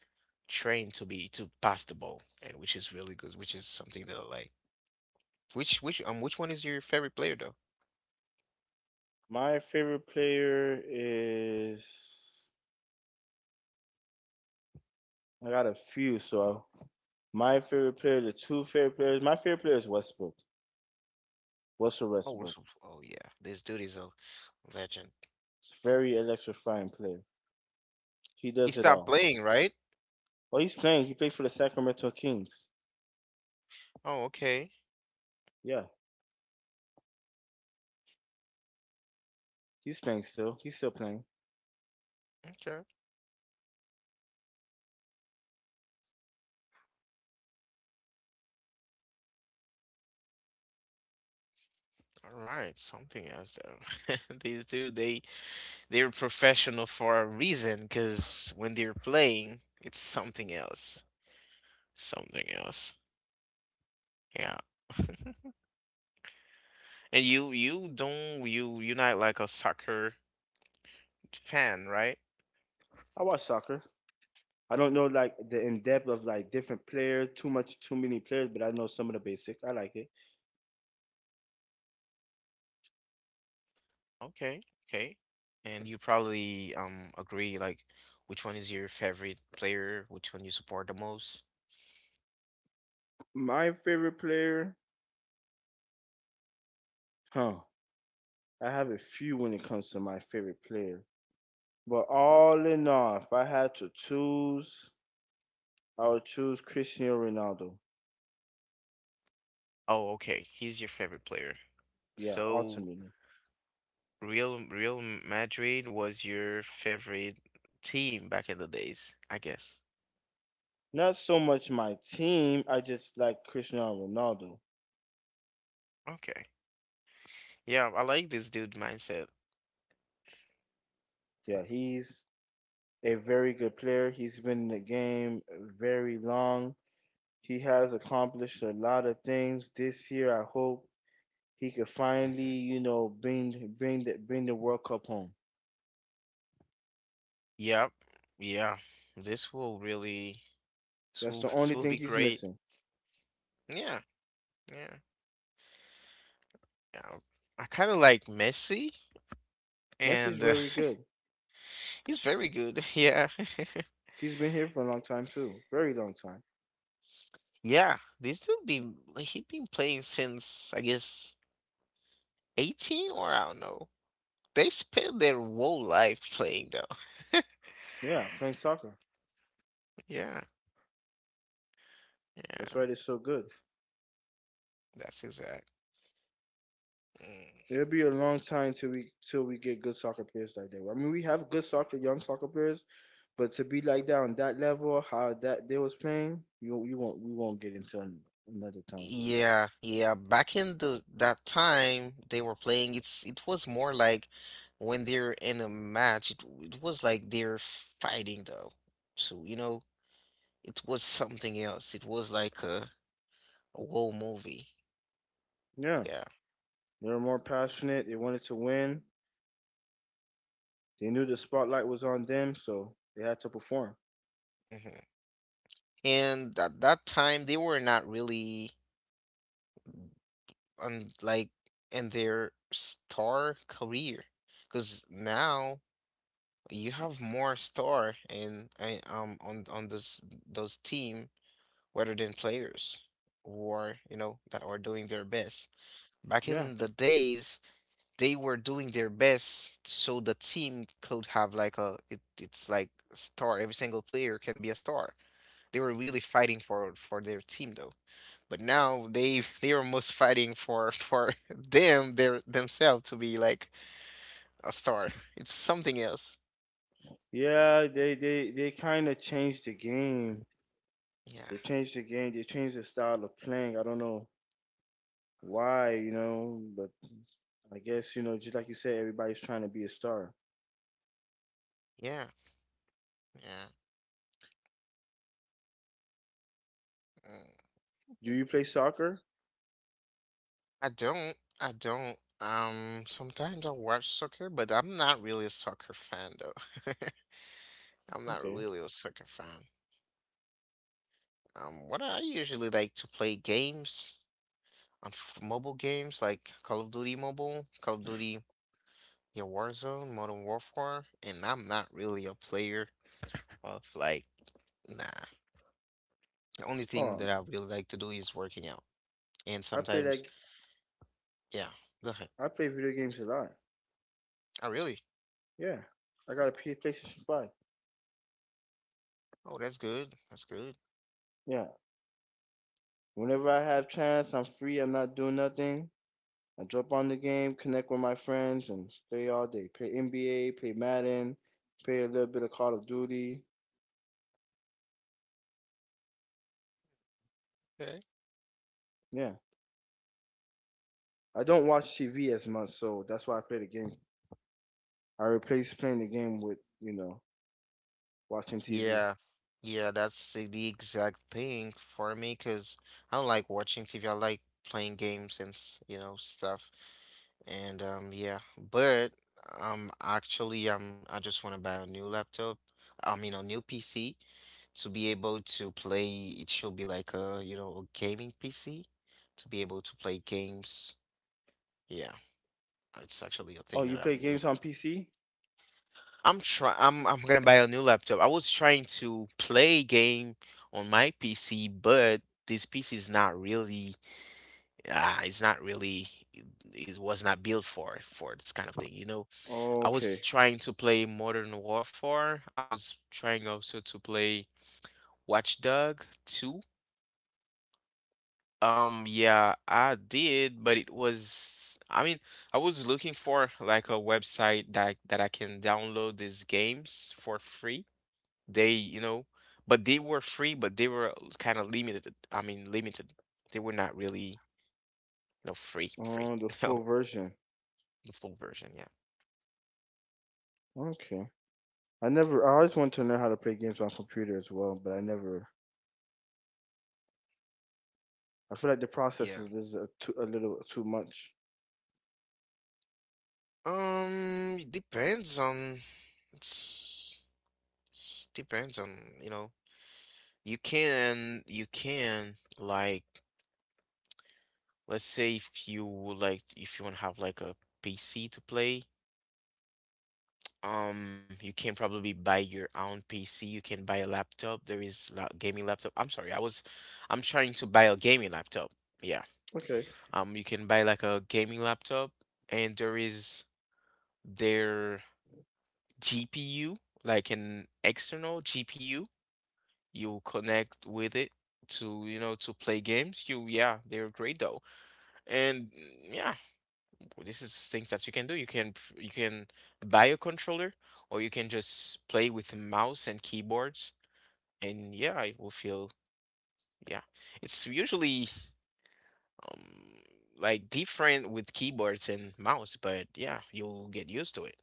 [SPEAKER 1] trained to be to pass the ball, and which is really good, which is something that I like. Which one is your favorite player though?
[SPEAKER 2] My favorite player is I got a few, so my favorite player, the two favorite players, my favorite player is Westbrook. Russell
[SPEAKER 1] Oh,
[SPEAKER 2] Westbrook.
[SPEAKER 1] Russell. Oh yeah, this dude is a legend.
[SPEAKER 2] He's a very electrifying player. He
[SPEAKER 1] He
[SPEAKER 2] does it
[SPEAKER 1] stopped
[SPEAKER 2] all.
[SPEAKER 1] playing, right?
[SPEAKER 2] Oh, he's playing. He played for the Sacramento Kings.
[SPEAKER 1] Oh, okay.
[SPEAKER 2] Yeah, he's playing still. He's still playing.
[SPEAKER 1] Okay. All right. Something else though. These two, they're professional for a reason, because when they're playing, it's something else. Something else. Yeah. And you don't you you're not like a soccer fan, right?
[SPEAKER 2] I watch soccer. I don't know like the in depth of like different players, too much, too many players, but I know some of the basic. I like it.
[SPEAKER 1] Okay, okay. And you probably agree like which one is your favorite player, which one you support the most.
[SPEAKER 2] My favorite player, huh? I have a few when it comes to my favorite player. But all in all, if I had to choose, I would choose Cristiano Ronaldo.
[SPEAKER 1] Oh, okay. He's your favorite player.
[SPEAKER 2] Yeah,
[SPEAKER 1] So
[SPEAKER 2] ultimately.
[SPEAKER 1] Real Madrid was your favorite team back in the days, I guess.
[SPEAKER 2] Not so much my team, I just like Cristiano Ronaldo.
[SPEAKER 1] Okay. Yeah, I like this dude mindset.
[SPEAKER 2] Yeah, he's a very good player. He's been in the game very long. He has accomplished a lot of things this year. I hope he could finally,
[SPEAKER 1] Mhm.
[SPEAKER 2] you know, bring the World Cup home.
[SPEAKER 1] Yep. Yeah. This will really this
[SPEAKER 2] That's
[SPEAKER 1] will,
[SPEAKER 2] the
[SPEAKER 1] this
[SPEAKER 2] only
[SPEAKER 1] will
[SPEAKER 2] thing
[SPEAKER 1] be
[SPEAKER 2] he's
[SPEAKER 1] great.
[SPEAKER 2] missing.
[SPEAKER 1] Yeah. Yeah. Yeah. I kind of like Messi
[SPEAKER 2] Messi's
[SPEAKER 1] and
[SPEAKER 2] really good.
[SPEAKER 1] he's very good. Yeah.
[SPEAKER 2] He's been here for a long time too. Very long time.
[SPEAKER 1] Yeah. This dude be. Like he been playing since I guess 18 or I don't know. They spend their whole life playing though.
[SPEAKER 2] Yeah, playing soccer.
[SPEAKER 1] Yeah.
[SPEAKER 2] That's
[SPEAKER 1] Yeah.
[SPEAKER 2] why they're so good.
[SPEAKER 1] That's exact. Mm.
[SPEAKER 2] It'll be a long time till we get good soccer players like that. I mean, we have good soccer, young soccer players, but to be like that on that level, how that they was playing, you won't we won't get into another time.
[SPEAKER 1] Yeah, yeah. Back in the that time they were playing, it was more like when they're in a match, it was like they're fighting though. So, you know, it was something else. It was like a whole movie.
[SPEAKER 2] Yeah,
[SPEAKER 1] Yeah.
[SPEAKER 2] they were more passionate. They wanted to win. They knew the spotlight was on them, so they had to perform.
[SPEAKER 1] hmm And at that time they were not really on like in their star career. Because now you have more star in on this those team rather than players or you know that are doing their best. Back
[SPEAKER 2] Yeah,
[SPEAKER 1] in the days, they were doing their best so the team could have like a it's like a star. Every single player can be a star. They were really fighting for their team though. But now they they are most fighting for for them their themselves to be like a star. It's something else.
[SPEAKER 2] yeah. They kind of changed the game.
[SPEAKER 1] Yeah.
[SPEAKER 2] They changed the game. They changed the style of playing. I don't know why, you know, but I guess, you know, just like you said, everybody's trying to be a star.
[SPEAKER 1] Yeah. Yeah. Mm.
[SPEAKER 2] Do you play soccer?
[SPEAKER 1] I don't. I don't. Sometimes I watch soccer, but I'm not really a soccer fan though. I'm not
[SPEAKER 2] Okay.
[SPEAKER 1] really a soccer fan. What I usually like to play games on f mobile games like Call of Duty Mobile, Call of Duty, yeah, Warzone, Modern Warfare, and I'm not really a player of like, nah. The only thing
[SPEAKER 2] Oh,
[SPEAKER 1] that I really like to do is working out. And
[SPEAKER 2] I play
[SPEAKER 1] sometimes,
[SPEAKER 2] like
[SPEAKER 1] yeah, go ahead.
[SPEAKER 2] I play video games a lot.
[SPEAKER 1] I really?
[SPEAKER 2] Yeah. I got a PlayStation 5.
[SPEAKER 1] Oh, that's good. That's good.
[SPEAKER 2] Yeah. Whenever I have chance, I'm free, I'm not doing nothing. I jump on the game, connect with my friends and play all day. Play NBA, play Madden, play a little bit of Call of Duty. Yeah. I don't watch TV as much, so that's why I play the game. I replace playing the game with, you know, watching TV.
[SPEAKER 1] Yeah, yeah, that's the exact thing for me because I don't like watching TV. I like playing games and you know stuff. And yeah, but actually, I just want to buy a new laptop. I mean, a new PC to be able to play. It should be like a you know a gaming PC to be able to play games. Yeah, it's actually a
[SPEAKER 2] Oh,
[SPEAKER 1] thing
[SPEAKER 2] you
[SPEAKER 1] that
[SPEAKER 2] play games on PC?
[SPEAKER 1] I'm try I'm gonna buy a new laptop. I was trying to play a game on my PC, but this PC is not really it's not really it was not built for this kind of thing, you know. I
[SPEAKER 2] Okay.
[SPEAKER 1] was trying to play Modern Warfare. I was trying also to play Watch Dog 2. Yeah, I did, but it was I mean, I was looking for like a website that I can download these games for free. They, you know, but they were free, but they were kind of limited. I mean, limited. They were not really, you know, free, free.
[SPEAKER 2] Oh, the full
[SPEAKER 1] No,
[SPEAKER 2] version.
[SPEAKER 1] the full version. Yeah,
[SPEAKER 2] Okay. I never. I always wanted to learn how to play games on computer as well, but I never. I feel like the
[SPEAKER 1] yeah.
[SPEAKER 2] process is a, too, a little too much.
[SPEAKER 1] Yeah. It depends on. It's, Depends on, you know, you can like, let's say if you would like, if you want to have like a PC to play. You can probably buy your own PC. You can buy a laptop. There is la gaming laptop. I'm sorry, I was, I'm trying to buy a gaming laptop. Yeah.
[SPEAKER 2] Okay.
[SPEAKER 1] You can buy like a gaming laptop, and there is their GPU, like an external GPU. You connect with it to, you know, to play games. You, yeah, they're great though. And yeah, well, this is things that you can do. You can buy a controller, or you can just play with mouse and keyboards. And yeah, it will feel yeah. It's usually um, like different with keyboards and mouse, but yeah, you'll get used to it.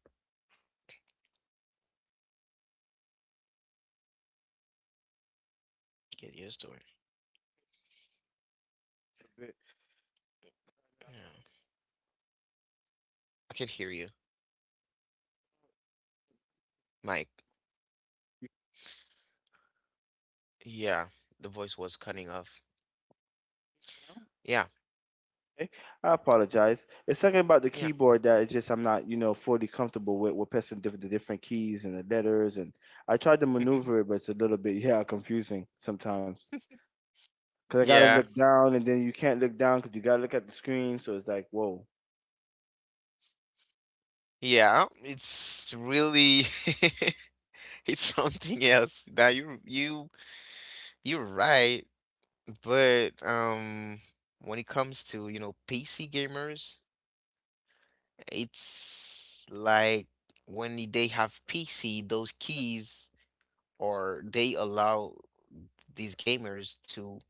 [SPEAKER 1] Get used to it.
[SPEAKER 2] A bit.
[SPEAKER 1] Yeah, I can hear you, Mike. Yeah, the voice was cutting off. Yeah,
[SPEAKER 2] Okay. I apologize. It's something about the
[SPEAKER 1] yeah,
[SPEAKER 2] keyboard that it's just I'm not, you know, fully comfortable with pressing the different keys and the letters, and I tried to maneuver it, but it's a little bit yeah confusing sometimes because I gotta
[SPEAKER 1] yeah,
[SPEAKER 2] look down, and then you can't look down because you gotta look at the screen, so it's like whoa.
[SPEAKER 1] yeah. It's really it's something else. Now you're right. But when it comes to, you know, PC gamers, it's like when they have PC, those keys or they allow these gamers to,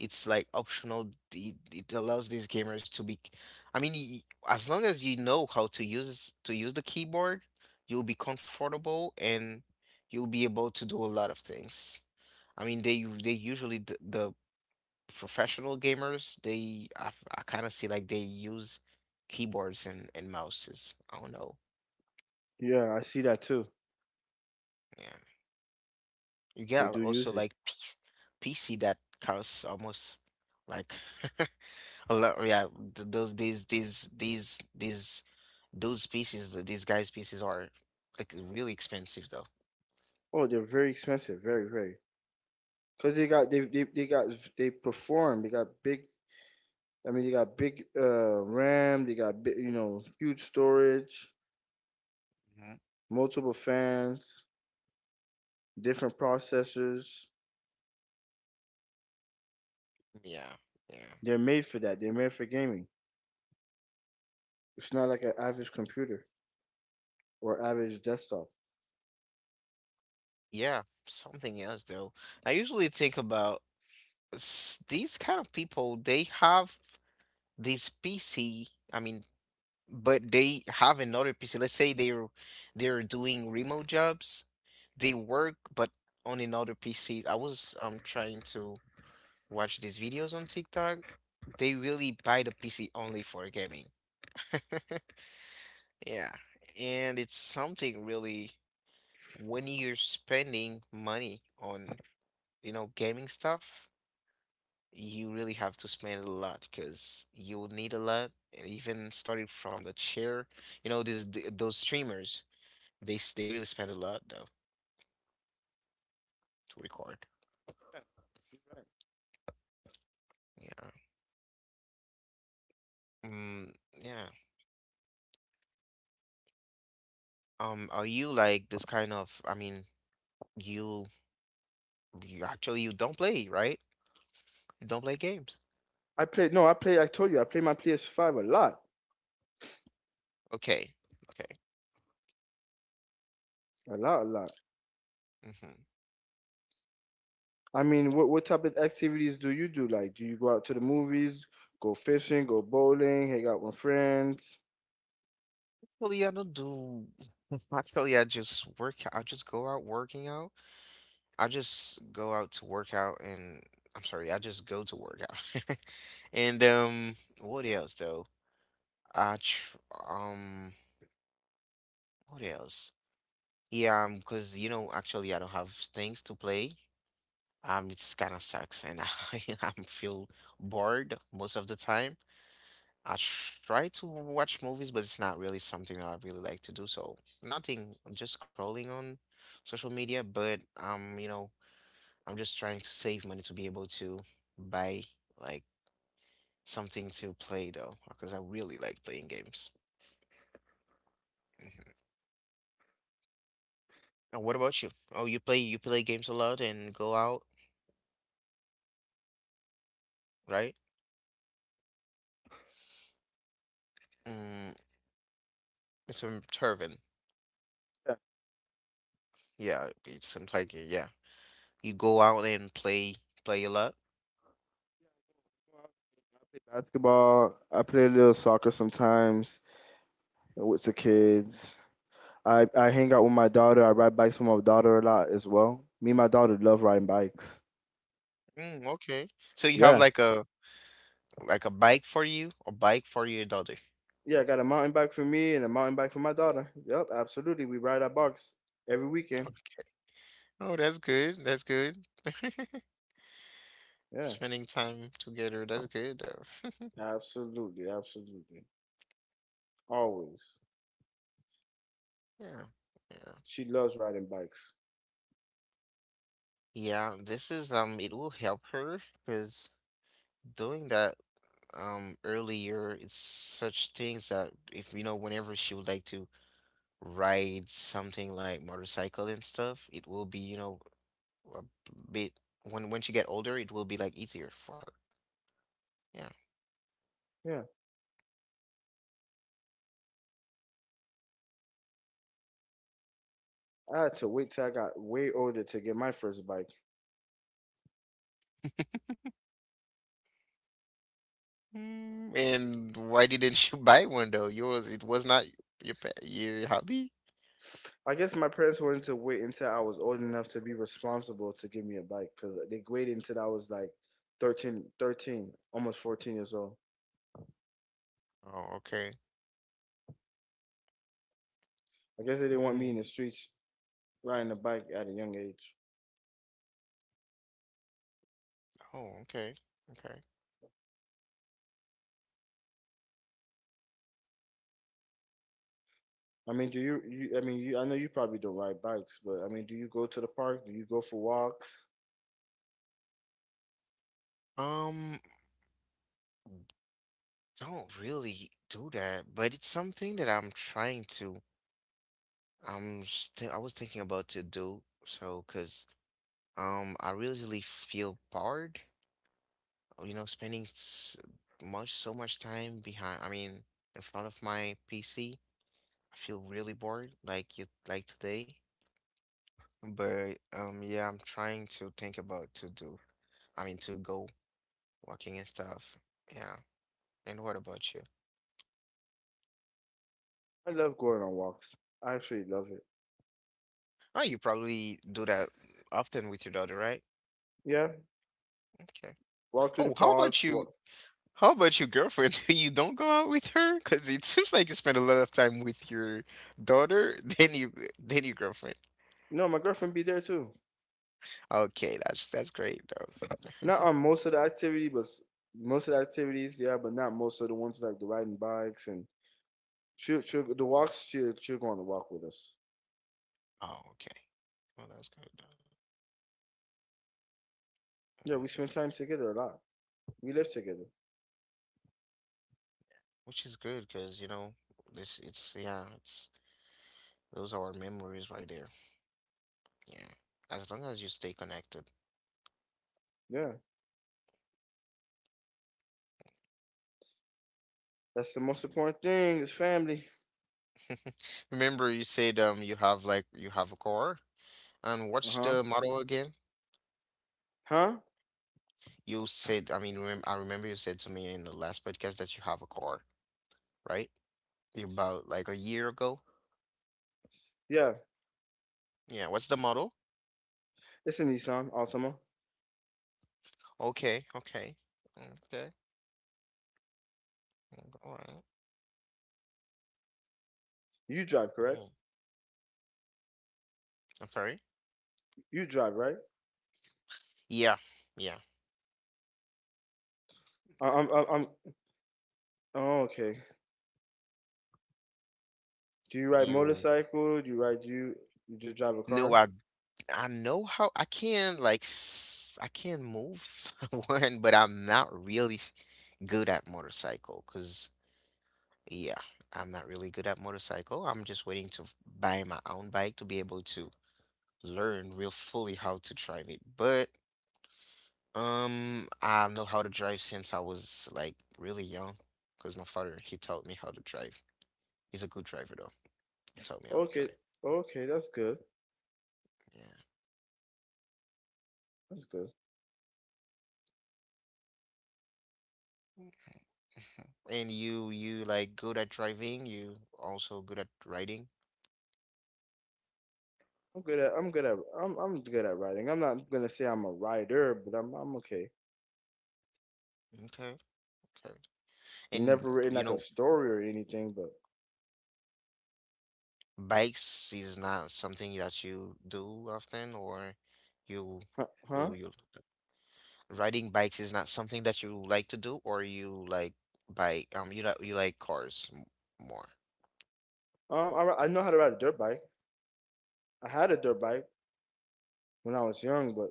[SPEAKER 1] it's like optional. It allows these gamers to be, I mean, as long as you know how to use the keyboard, you'll be comfortable and you'll be able to do a lot of things. I mean, they usually the professional gamers, kind of see like they use keyboards and mouses. I don't know.
[SPEAKER 2] Yeah, I see that too.
[SPEAKER 1] Yeah. You get
[SPEAKER 2] They do use
[SPEAKER 1] also
[SPEAKER 2] it.
[SPEAKER 1] like PC that costs almost like a lot. Yeah, th- those these those pieces, these guys' pieces are like really expensive though.
[SPEAKER 2] Oh, they're very expensive, very, very. Cause they perform. They got big. I mean, they got big RAM. They got big, you know, huge storage,
[SPEAKER 1] Mhm.
[SPEAKER 2] multiple fans, different processors.
[SPEAKER 1] Yeah, yeah.
[SPEAKER 2] They're made for that. They're made for gaming. It's not like an average computer or average desktop.
[SPEAKER 1] Yeah, something else though. I usually think about these kind of people, they have this PC, I mean, but they have another PC. Let's say they're doing remote jobs. They work but on another PC. I was trying to watch these videos on TikTok. They really buy the PC only for gaming. Yeah, and it's something really when you're spending money on, you know, gaming stuff you really have to spend a lot because you will need a lot. And even starting from the chair, you know, those streamers, they really spend a lot though to record. Yeah. Mm, yeah. Are you like this kind of, I mean, you you actually you don't play, right? You don't play games.
[SPEAKER 2] I play. No, I play. I told you, I play my PS5 a lot,
[SPEAKER 1] Okay. Okay.
[SPEAKER 2] a lot, a lot.
[SPEAKER 1] Mm-hmm.
[SPEAKER 2] I mean, what type of activities do you do? Like, do you go out to the movies, go fishing, go bowling, hang out with friends?
[SPEAKER 1] Well, yeah, I don't do. Actually, I just work. I just go out working out. I just go out to work out and I'm sorry, I just go to work out. And what else though? I tr um, what else? Yeah, because you know, actually, I don't have things to play. It's kind of sucks, and I I'm feel bored most of the time. I try to watch movies, but it's not really something that I really like to do. So nothing, I'm just scrolling on social media. But you know, I'm just trying to save money to be able to buy like something to play though, because I really like playing games. Mm-hmm. And what about you? Oh, you play games a lot and go out, right? Mm, it's from Turvin.
[SPEAKER 2] Yeah,
[SPEAKER 1] Yeah, it's some tiger, yeah. You go out and play a lot.
[SPEAKER 2] I play basketball. I play a little soccer sometimes with the kids. I hang out with my daughter. I ride bikes with my daughter a lot as well. Me and my daughter love riding bikes.
[SPEAKER 1] Mm, okay. So you have
[SPEAKER 2] Yeah.
[SPEAKER 1] like a bike for you, a bike for your daughter.
[SPEAKER 2] Yeah, I got a mountain bike for me and a mountain bike for my daughter. Yep, absolutely. We ride our bikes every weekend.
[SPEAKER 1] Oh, that's good. That's good.
[SPEAKER 2] Yeah,
[SPEAKER 1] Spending time together, that's good.
[SPEAKER 2] absolutely, absolutely. Always.
[SPEAKER 1] Yeah. Yeah.
[SPEAKER 2] She loves riding bikes.
[SPEAKER 1] Yeah, this is it will help her because doing that earlier it's such things that if you know whenever she would like to ride something like motorcycle and stuff, it will be, you know, a bit when she get older, it will be like easier for her. Yeah.
[SPEAKER 2] Yeah. I had to wait till I got way older to get my first bike.
[SPEAKER 1] Mm, and why didn't you buy one though? Yours, it was not your hobby?
[SPEAKER 2] I guess my parents wanted to wait until I was old enough to be responsible to give me a bike because they waited until I was like 13, almost 14 years old.
[SPEAKER 1] Oh, okay.
[SPEAKER 2] I guess they didn't want me
[SPEAKER 1] Mm,
[SPEAKER 2] in the streets riding a bike at a young age.
[SPEAKER 1] oh, okay. Okay.
[SPEAKER 2] I mean, do you, you I mean, you, I know you probably don't ride bikes, but I mean, do you go to the park? Do you go for walks?
[SPEAKER 1] Um, don't really do that, but it's something that I'm trying to. I was thinking about to do so, cause I really feel bored you know, much so much time behind, I mean, in front of my PC. I feel really bored, like you like today. But yeah, I'm trying to think about to do. I mean, to go walking and stuff. Yeah. And what about you?
[SPEAKER 2] I love going on walks. I actually love it.
[SPEAKER 1] Oh, you probably do that often with your daughter, right?
[SPEAKER 2] Yeah,
[SPEAKER 1] Okay.
[SPEAKER 2] walk through the
[SPEAKER 1] Oh, how about
[SPEAKER 2] parks,
[SPEAKER 1] you?
[SPEAKER 2] walk.
[SPEAKER 1] How about your girlfriend? You don't go out with her? Because it seems like you spend a lot of time with your daughter than your girlfriend.
[SPEAKER 2] No, my girlfriend be there too.
[SPEAKER 1] Okay, that's great though.
[SPEAKER 2] Not on most of the activity, but most of the activities, yeah, but not most of the ones like the riding bikes and she'll, she'll the walks. She'll go on the walk with us.
[SPEAKER 1] Oh, okay. Well, that's good though.
[SPEAKER 2] Yeah,
[SPEAKER 1] Uh,
[SPEAKER 2] we spend time together a lot. We live together.
[SPEAKER 1] Which is good because you know this it's yeah it's those are our memories right there. Yeah, as long as you stay connected.
[SPEAKER 2] Yeah, that's the most important thing is family.
[SPEAKER 1] Remember you said you have like you have a car and
[SPEAKER 2] Uh
[SPEAKER 1] what's
[SPEAKER 2] huh.
[SPEAKER 1] the model again?
[SPEAKER 2] Huh?
[SPEAKER 1] You said I mean remem I remember you said to me in the last podcast that you have a car, right? About like a year ago.
[SPEAKER 2] Yeah.
[SPEAKER 1] Yeah, what's the model?
[SPEAKER 2] It's a Nissan Altima.
[SPEAKER 1] Okay, okay, okay, mm, all right.
[SPEAKER 2] You drive,
[SPEAKER 1] Mm,
[SPEAKER 2] correct?
[SPEAKER 1] I'm sorry.
[SPEAKER 2] You drive, right?
[SPEAKER 1] Yeah, yeah,
[SPEAKER 2] I-
[SPEAKER 1] I
[SPEAKER 2] I'm
[SPEAKER 1] know.
[SPEAKER 2] I'm. I'm Oh, okay. Do you ride
[SPEAKER 1] You
[SPEAKER 2] motorcycle? Do you ride? Do you just drive a
[SPEAKER 1] know,
[SPEAKER 2] car?
[SPEAKER 1] I know how I can I can move one, but I'm not really good at motorcycle. Cause yeah, I'm not really good at motorcycle. I'm just waiting to buy my own bike to be able to learn real fully how to drive it. But I know how to drive since I was like really young, cause my father he taught me how to drive. He's a good driver though. He taught me how to
[SPEAKER 2] Okay.
[SPEAKER 1] drive.
[SPEAKER 2] Okay, that's good.
[SPEAKER 1] Yeah.
[SPEAKER 2] That's good.
[SPEAKER 1] Mhm. And you like good at driving, you also good at riding.
[SPEAKER 2] I'm good at I'm good at I'm good at writing. I'm not gonna say I'm a writer, but I'm okay.
[SPEAKER 1] Okay. Okay. And
[SPEAKER 2] Never written like a story or anything, but
[SPEAKER 1] bikes is not something that you do often or you you
[SPEAKER 2] huh?
[SPEAKER 1] you riding bikes is not something that you like to do or you like cars more.
[SPEAKER 2] Huh? I know how to ride a dirt bike. I had a dirt bike when I was young, but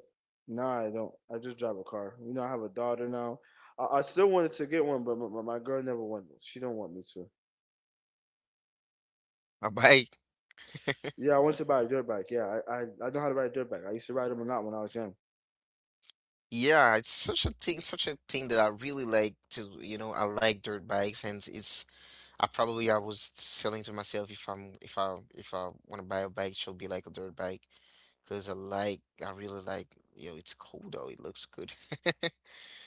[SPEAKER 2] now I don't. I just drive a car. You know, I have a daughter now. I still wanted to get one, but my girl never wanted. She don't want me to.
[SPEAKER 1] A bike.
[SPEAKER 2] Yeah, I want to buy a dirt bike. Yeah, I know how to ride a dirt bike. I used to ride them a lot when I was young.
[SPEAKER 1] Yeah, it's such a thing that I really like to, I like dirt bikes. And it's I was selling to myself, if I want to buy a bike, it should be like a dirt bike, because I really like, you know, it's cool though, it looks good.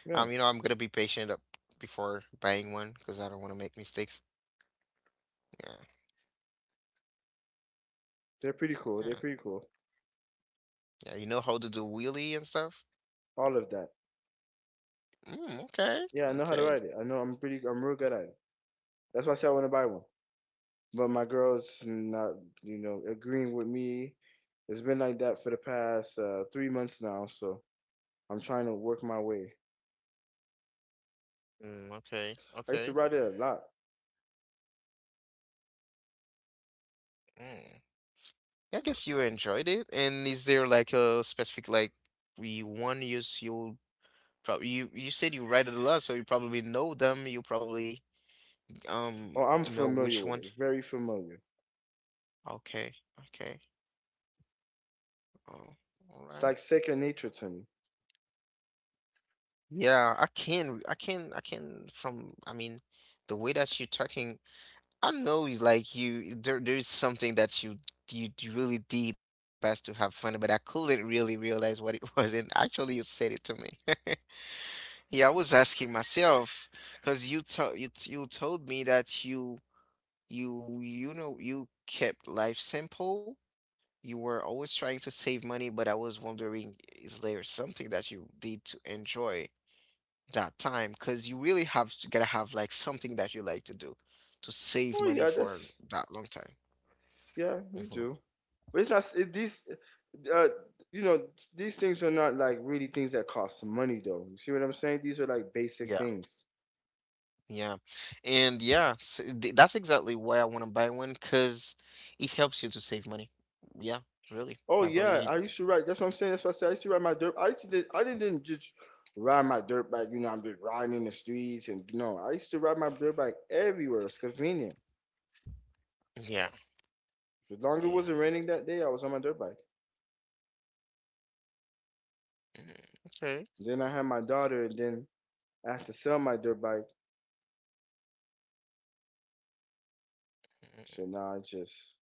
[SPEAKER 2] Yeah,
[SPEAKER 1] You know I'm gonna be patient up before buying one because I don't want to make mistakes. Yeah,
[SPEAKER 2] they're pretty cool. They're
[SPEAKER 1] yeah,
[SPEAKER 2] pretty cool.
[SPEAKER 1] yeah. You know how to do wheelie and stuff.
[SPEAKER 2] All of that.
[SPEAKER 1] Mm, okay,
[SPEAKER 2] Yeah, I know how to
[SPEAKER 1] okay,
[SPEAKER 2] ride it. I know I'm pretty. I'm real good at it. That's why I said I want to buy one. But my girl's not, you know, agreeing with me. It's been like that for the past 3 months now, so I'm trying to work my way.
[SPEAKER 1] mm, okay,
[SPEAKER 2] I used to
[SPEAKER 1] okay.
[SPEAKER 2] ride it a lot.
[SPEAKER 1] Mm. I guess you enjoyed it. And is there like a specific, like, we one use you. Probably you said you read it a lot, so you probably know them. You probably
[SPEAKER 2] Oh, I'm
[SPEAKER 1] know
[SPEAKER 2] familiar
[SPEAKER 1] which
[SPEAKER 2] with it.
[SPEAKER 1] one.
[SPEAKER 2] Very familiar.
[SPEAKER 1] Okay, okay. Oh, all
[SPEAKER 2] It's
[SPEAKER 1] right.
[SPEAKER 2] like second nature to me.
[SPEAKER 1] Yeah, I can. From I mean, the way that you're talking, I know you like you. There's something that really did in the past to have fun, but I couldn't really realize what it was. And actually, you said it to me. Yeah, I was asking myself because you told me that you. You know you kept life simple. You were always trying to save money, but I was wondering, is there something that you did to enjoy that time? Because you really have to gotta have like something that you like to do to save
[SPEAKER 2] Oh
[SPEAKER 1] money
[SPEAKER 2] yeah,
[SPEAKER 1] for
[SPEAKER 2] that's
[SPEAKER 1] that long time.
[SPEAKER 2] yeah, you
[SPEAKER 1] Mhm.
[SPEAKER 2] do. But it's not it, these. Uh, you know, these things are not like really things that cost money though. You see what I'm saying? These are like basic
[SPEAKER 1] Yeah.
[SPEAKER 2] things.
[SPEAKER 1] Yeah. And yeah, s th that's exactly why I want to buy one because it helps you to save money. Yeah, really.
[SPEAKER 2] Oh
[SPEAKER 1] My brother,
[SPEAKER 2] yeah,
[SPEAKER 1] he,
[SPEAKER 2] I used to ride. That's what I'm saying. That's what I said. I used to ride my dirt. I used to. I didn't just ride my dirt bike. You know, I'm just riding in the streets and no. I used to ride my dirt bike everywhere. It's convenient.
[SPEAKER 1] yeah,
[SPEAKER 2] As long as it
[SPEAKER 1] yeah.
[SPEAKER 2] wasn't raining that day, I was on my dirt bike.
[SPEAKER 1] Mm, okay.
[SPEAKER 2] Then I had my daughter, and then I had to sell my dirt bike.
[SPEAKER 1] Mm.
[SPEAKER 2] So now I just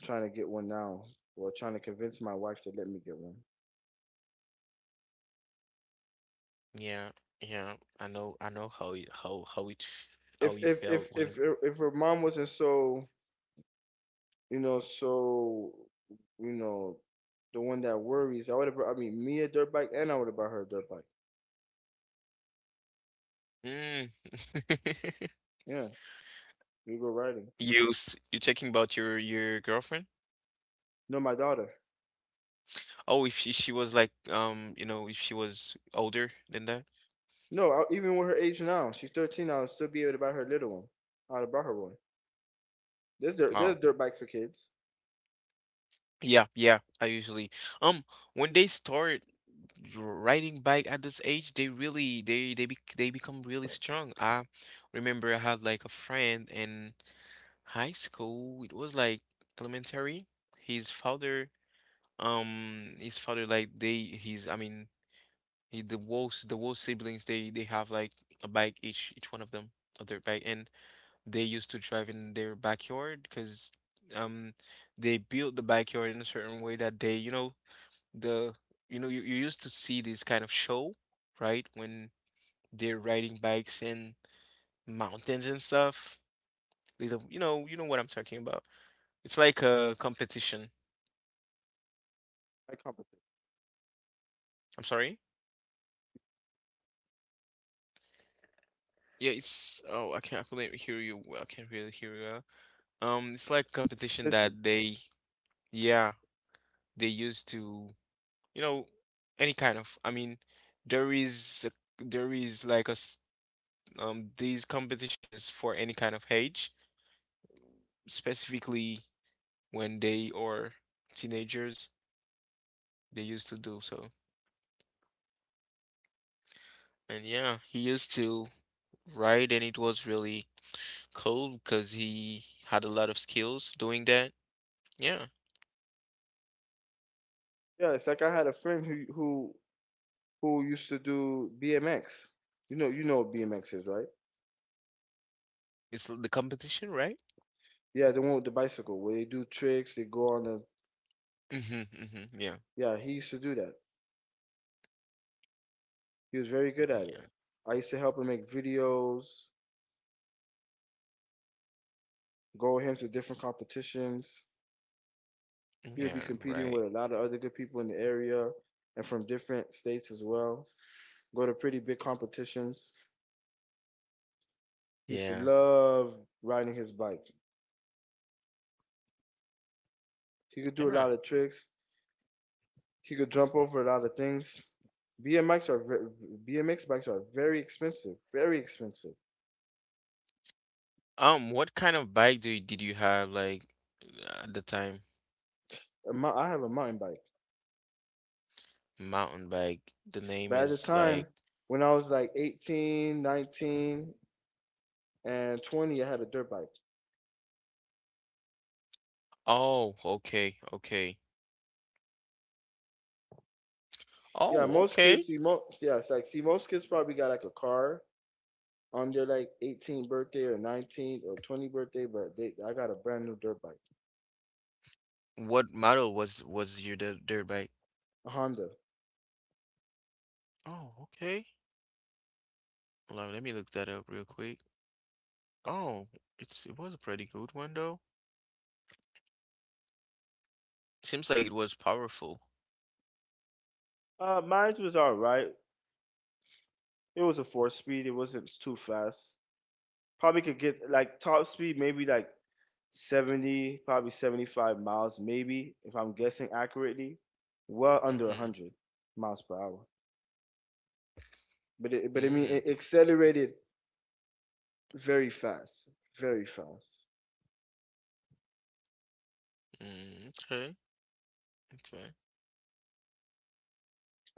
[SPEAKER 2] trying to get one now, or trying to convince my wife to let me get one.
[SPEAKER 1] Yeah, yeah. I know how you, how
[SPEAKER 2] If
[SPEAKER 1] you
[SPEAKER 2] if
[SPEAKER 1] felt
[SPEAKER 2] if
[SPEAKER 1] when
[SPEAKER 2] if if her mom wasn't so you know, the one that worries, I would have. I mean, me a dirt bike, and I would have bought her a dirt bike.
[SPEAKER 1] mm.
[SPEAKER 2] Yeah, we go riding.
[SPEAKER 1] You talking about your girlfriend?
[SPEAKER 2] No, my daughter.
[SPEAKER 1] Oh, if she was like, if she was older than that.
[SPEAKER 2] No, even with her age now, she's 13. I'll still be able to buy her a little one. I would have bought her one. There's dirt,
[SPEAKER 1] Oh.
[SPEAKER 2] there's dirt bike for kids.
[SPEAKER 1] Yeah, yeah. I usually um when they start riding bike at this age, they really they bec they become really strong. I remember I had like a friend in high school. It was like elementary. His father his father, like, they, he's, I mean, he, the Wolves siblings, they have like a bike, each one of them a dirt bike, and they used to drive in their backyard because um they built the backyard in a certain way that they, the you used to see this kind of show, right, when they're riding bikes in mountains and stuff, little you know what I'm talking about. It's like a competition.
[SPEAKER 2] Like competition.
[SPEAKER 1] I'm sorry. Yeah, it's oh, I couldn't hear you. Well, I can't really hear you. Well. It's like competition that they, yeah, they used to, you know any kind of, I mean, there is like these competitions for any kind of age, specifically when they are teenagers, they used to do so. And yeah, he used to ride, and it was really cool because he had a lot of skills doing that, yeah.
[SPEAKER 2] Yeah, it's like I had a friend who used to do BMX. You know what BMX is, right?
[SPEAKER 1] It's the competition, right?
[SPEAKER 2] Yeah, the one with the bicycle where they do tricks, they go on the.
[SPEAKER 1] Mhm, mhm, yeah,
[SPEAKER 2] Yeah, he used to do that. He was very good at it.
[SPEAKER 1] yeah,
[SPEAKER 2] I used to help him make videos, go with him to different competitions. He would be
[SPEAKER 1] yeah,
[SPEAKER 2] competing
[SPEAKER 1] right,
[SPEAKER 2] with a lot of other good people in the area and from different states as well. Go to pretty big competitions. He used to
[SPEAKER 1] yeah,
[SPEAKER 2] love riding his bike. He could do a
[SPEAKER 1] yeah.
[SPEAKER 2] lot of tricks. He could jump over a lot of things. BMX are BMX bikes are very expensive, very expensive.
[SPEAKER 1] What kind of bike did you have like at the time?
[SPEAKER 2] I have a mountain bike,
[SPEAKER 1] Mountain bike. The name
[SPEAKER 2] but at the
[SPEAKER 1] is
[SPEAKER 2] time
[SPEAKER 1] like,
[SPEAKER 2] when I was like 18, 19, and 20, I had a dirt bike.
[SPEAKER 1] oh, okay, okay,
[SPEAKER 2] Yeah,
[SPEAKER 1] oh,
[SPEAKER 2] most kids
[SPEAKER 1] okay.
[SPEAKER 2] see most yeah, it's like see most kids probably got like a car on their like 18th birthday or 19th or 20th birthday, but they I got a brand new dirt bike,
[SPEAKER 1] What model was your dirt bike?
[SPEAKER 2] a Honda.
[SPEAKER 1] Oh, okay. Well, let me look that up real quick. Oh, it was a pretty good one though. Seems like it was powerful.
[SPEAKER 2] Mine was all right. It was a four speed. It wasn't too fast. Probably could get like top speed, maybe like 70, probably 75 miles, maybe if I'm guessing accurately, well under
[SPEAKER 1] Mm-hmm.
[SPEAKER 2] 100 miles per hour. But I mean,
[SPEAKER 1] Mm,
[SPEAKER 2] it accelerated very fast, very fast.
[SPEAKER 1] mm, okay, okay.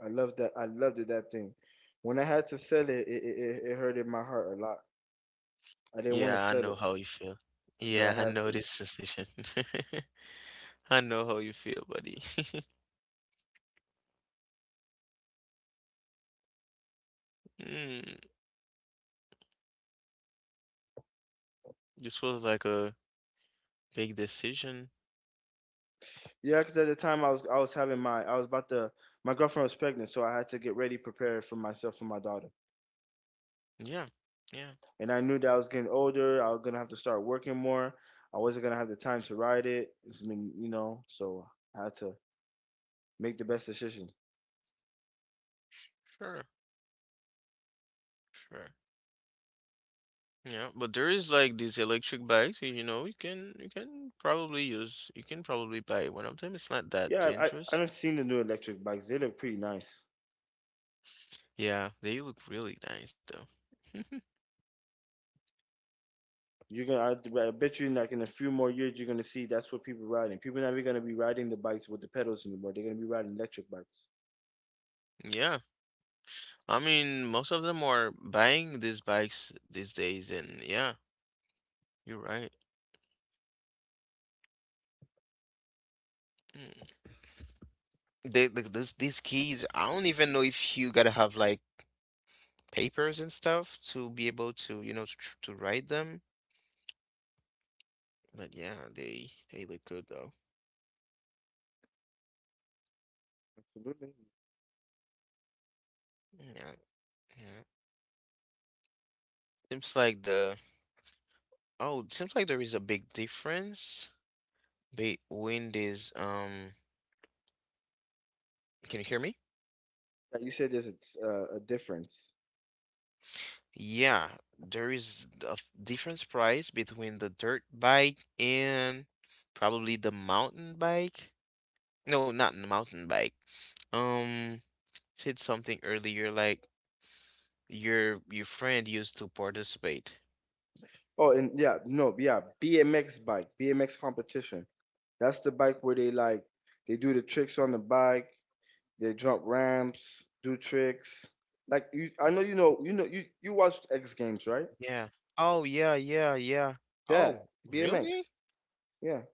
[SPEAKER 2] I loved that. I loved it, that thing. When I had to sell it, hurted my heart a lot. I didn't want to
[SPEAKER 1] Yeah, I
[SPEAKER 2] sell
[SPEAKER 1] know
[SPEAKER 2] it,
[SPEAKER 1] how you feel.
[SPEAKER 2] but I
[SPEAKER 1] Yeah, I
[SPEAKER 2] had
[SPEAKER 1] know
[SPEAKER 2] to.
[SPEAKER 1] this sensation. I know how you feel, buddy. Mm, this was like a big decision.
[SPEAKER 2] Yeah, because at the time I was having my I was about to my girlfriend was pregnant, so I had to get ready, prepared for myself and my daughter.
[SPEAKER 1] Yeah, yeah,
[SPEAKER 2] And I knew that I was getting older. I was gonna have to start working more. I wasn't gonna have the time to ride it. It's been you know, so I had to make the best decision.
[SPEAKER 1] sure, sure. Yeah, but there is like these electric bikes, you can probably buy one of them. It's not that
[SPEAKER 2] Yeah, I
[SPEAKER 1] dangerous.
[SPEAKER 2] done seen the new electric bikes. They look pretty nice.
[SPEAKER 1] Yeah, they look really nice though.
[SPEAKER 2] You're gonna, I bet you, in like in a few more years, you're gonna see that's what people are riding. People are not even gonna be riding the bikes with the pedals anymore. They're gonna be riding electric bikes.
[SPEAKER 1] Yeah, I mean, most of them are buying these bikes these days, and yeah, you're right. Mm. They like this these keys, I don't even know if you gotta have like papers and stuff to be able to, to, to write them. But yeah, they look good though.
[SPEAKER 2] Absolutely.
[SPEAKER 1] Yeah, yeah. Seems like the oh, it seems like there is a big difference between these. Can you hear me?
[SPEAKER 2] Like you said, there's a difference.
[SPEAKER 1] Yeah, there is difference price between the dirt bike and probably the mountain bike. No, not the mountain bike. Um, Said something earlier like your friend used to participate.
[SPEAKER 2] Oh, and yeah, no, yeah, BMX bike, BMX competition. That's the bike where they like they do the tricks on the bike, they jump ramps, do tricks. Like you, I know you watched X Games, right?
[SPEAKER 1] Yeah. Oh yeah, yeah, yeah. Oh,
[SPEAKER 2] That
[SPEAKER 1] really?
[SPEAKER 2] BMX, yeah.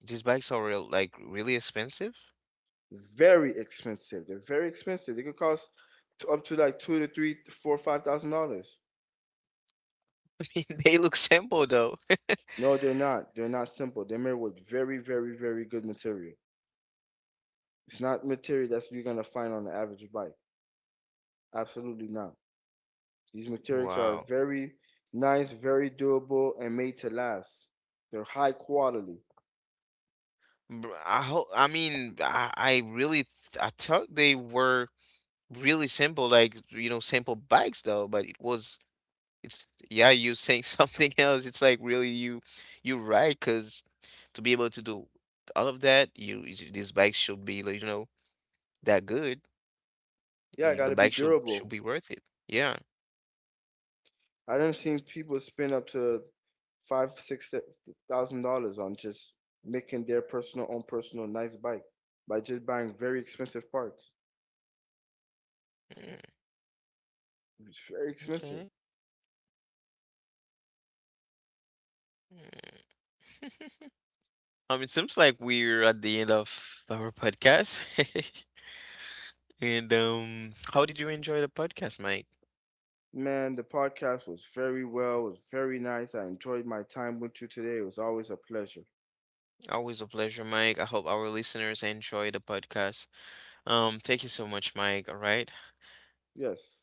[SPEAKER 1] These bikes are like, really expensive?
[SPEAKER 2] Very expensive. They're very expensive. They could cost up to like two to three, four, $5,000.
[SPEAKER 1] I mean, they look simple though.
[SPEAKER 2] No, they're not. They're not simple. They're made with very, very, very good material. It's not material that's you're gonna find on the average bike. Absolutely not. These materials are
[SPEAKER 1] Wow.
[SPEAKER 2] very nice, very durable, and made to last. They're high quality.
[SPEAKER 1] I hope, I mean, I thought they were really simple, like, simple bikes though, but it's, yeah, you saying something else. It's like really you're right, cause to be able to do all of that, these bikes should be, like, that good.
[SPEAKER 2] Yeah, it
[SPEAKER 1] The
[SPEAKER 2] gotta be
[SPEAKER 1] bike should
[SPEAKER 2] durable.
[SPEAKER 1] be worth it. Yeah.
[SPEAKER 2] I done seen people spend up to five, $6,000 on just making their personal own personal nice bike by just buying very expensive parts.
[SPEAKER 1] Mm,
[SPEAKER 2] It's very expensive.
[SPEAKER 1] okay. Mm. It seems like we're at the end of our podcast. And how did you enjoy the podcast, Mike?
[SPEAKER 2] Man, the podcast was very well, was very nice. I enjoyed my time with you today. It was always a pleasure.
[SPEAKER 1] Always a pleasure, Mike. I hope our listeners enjoy the podcast. Thank you so much, Mike. All right.
[SPEAKER 2] Yes.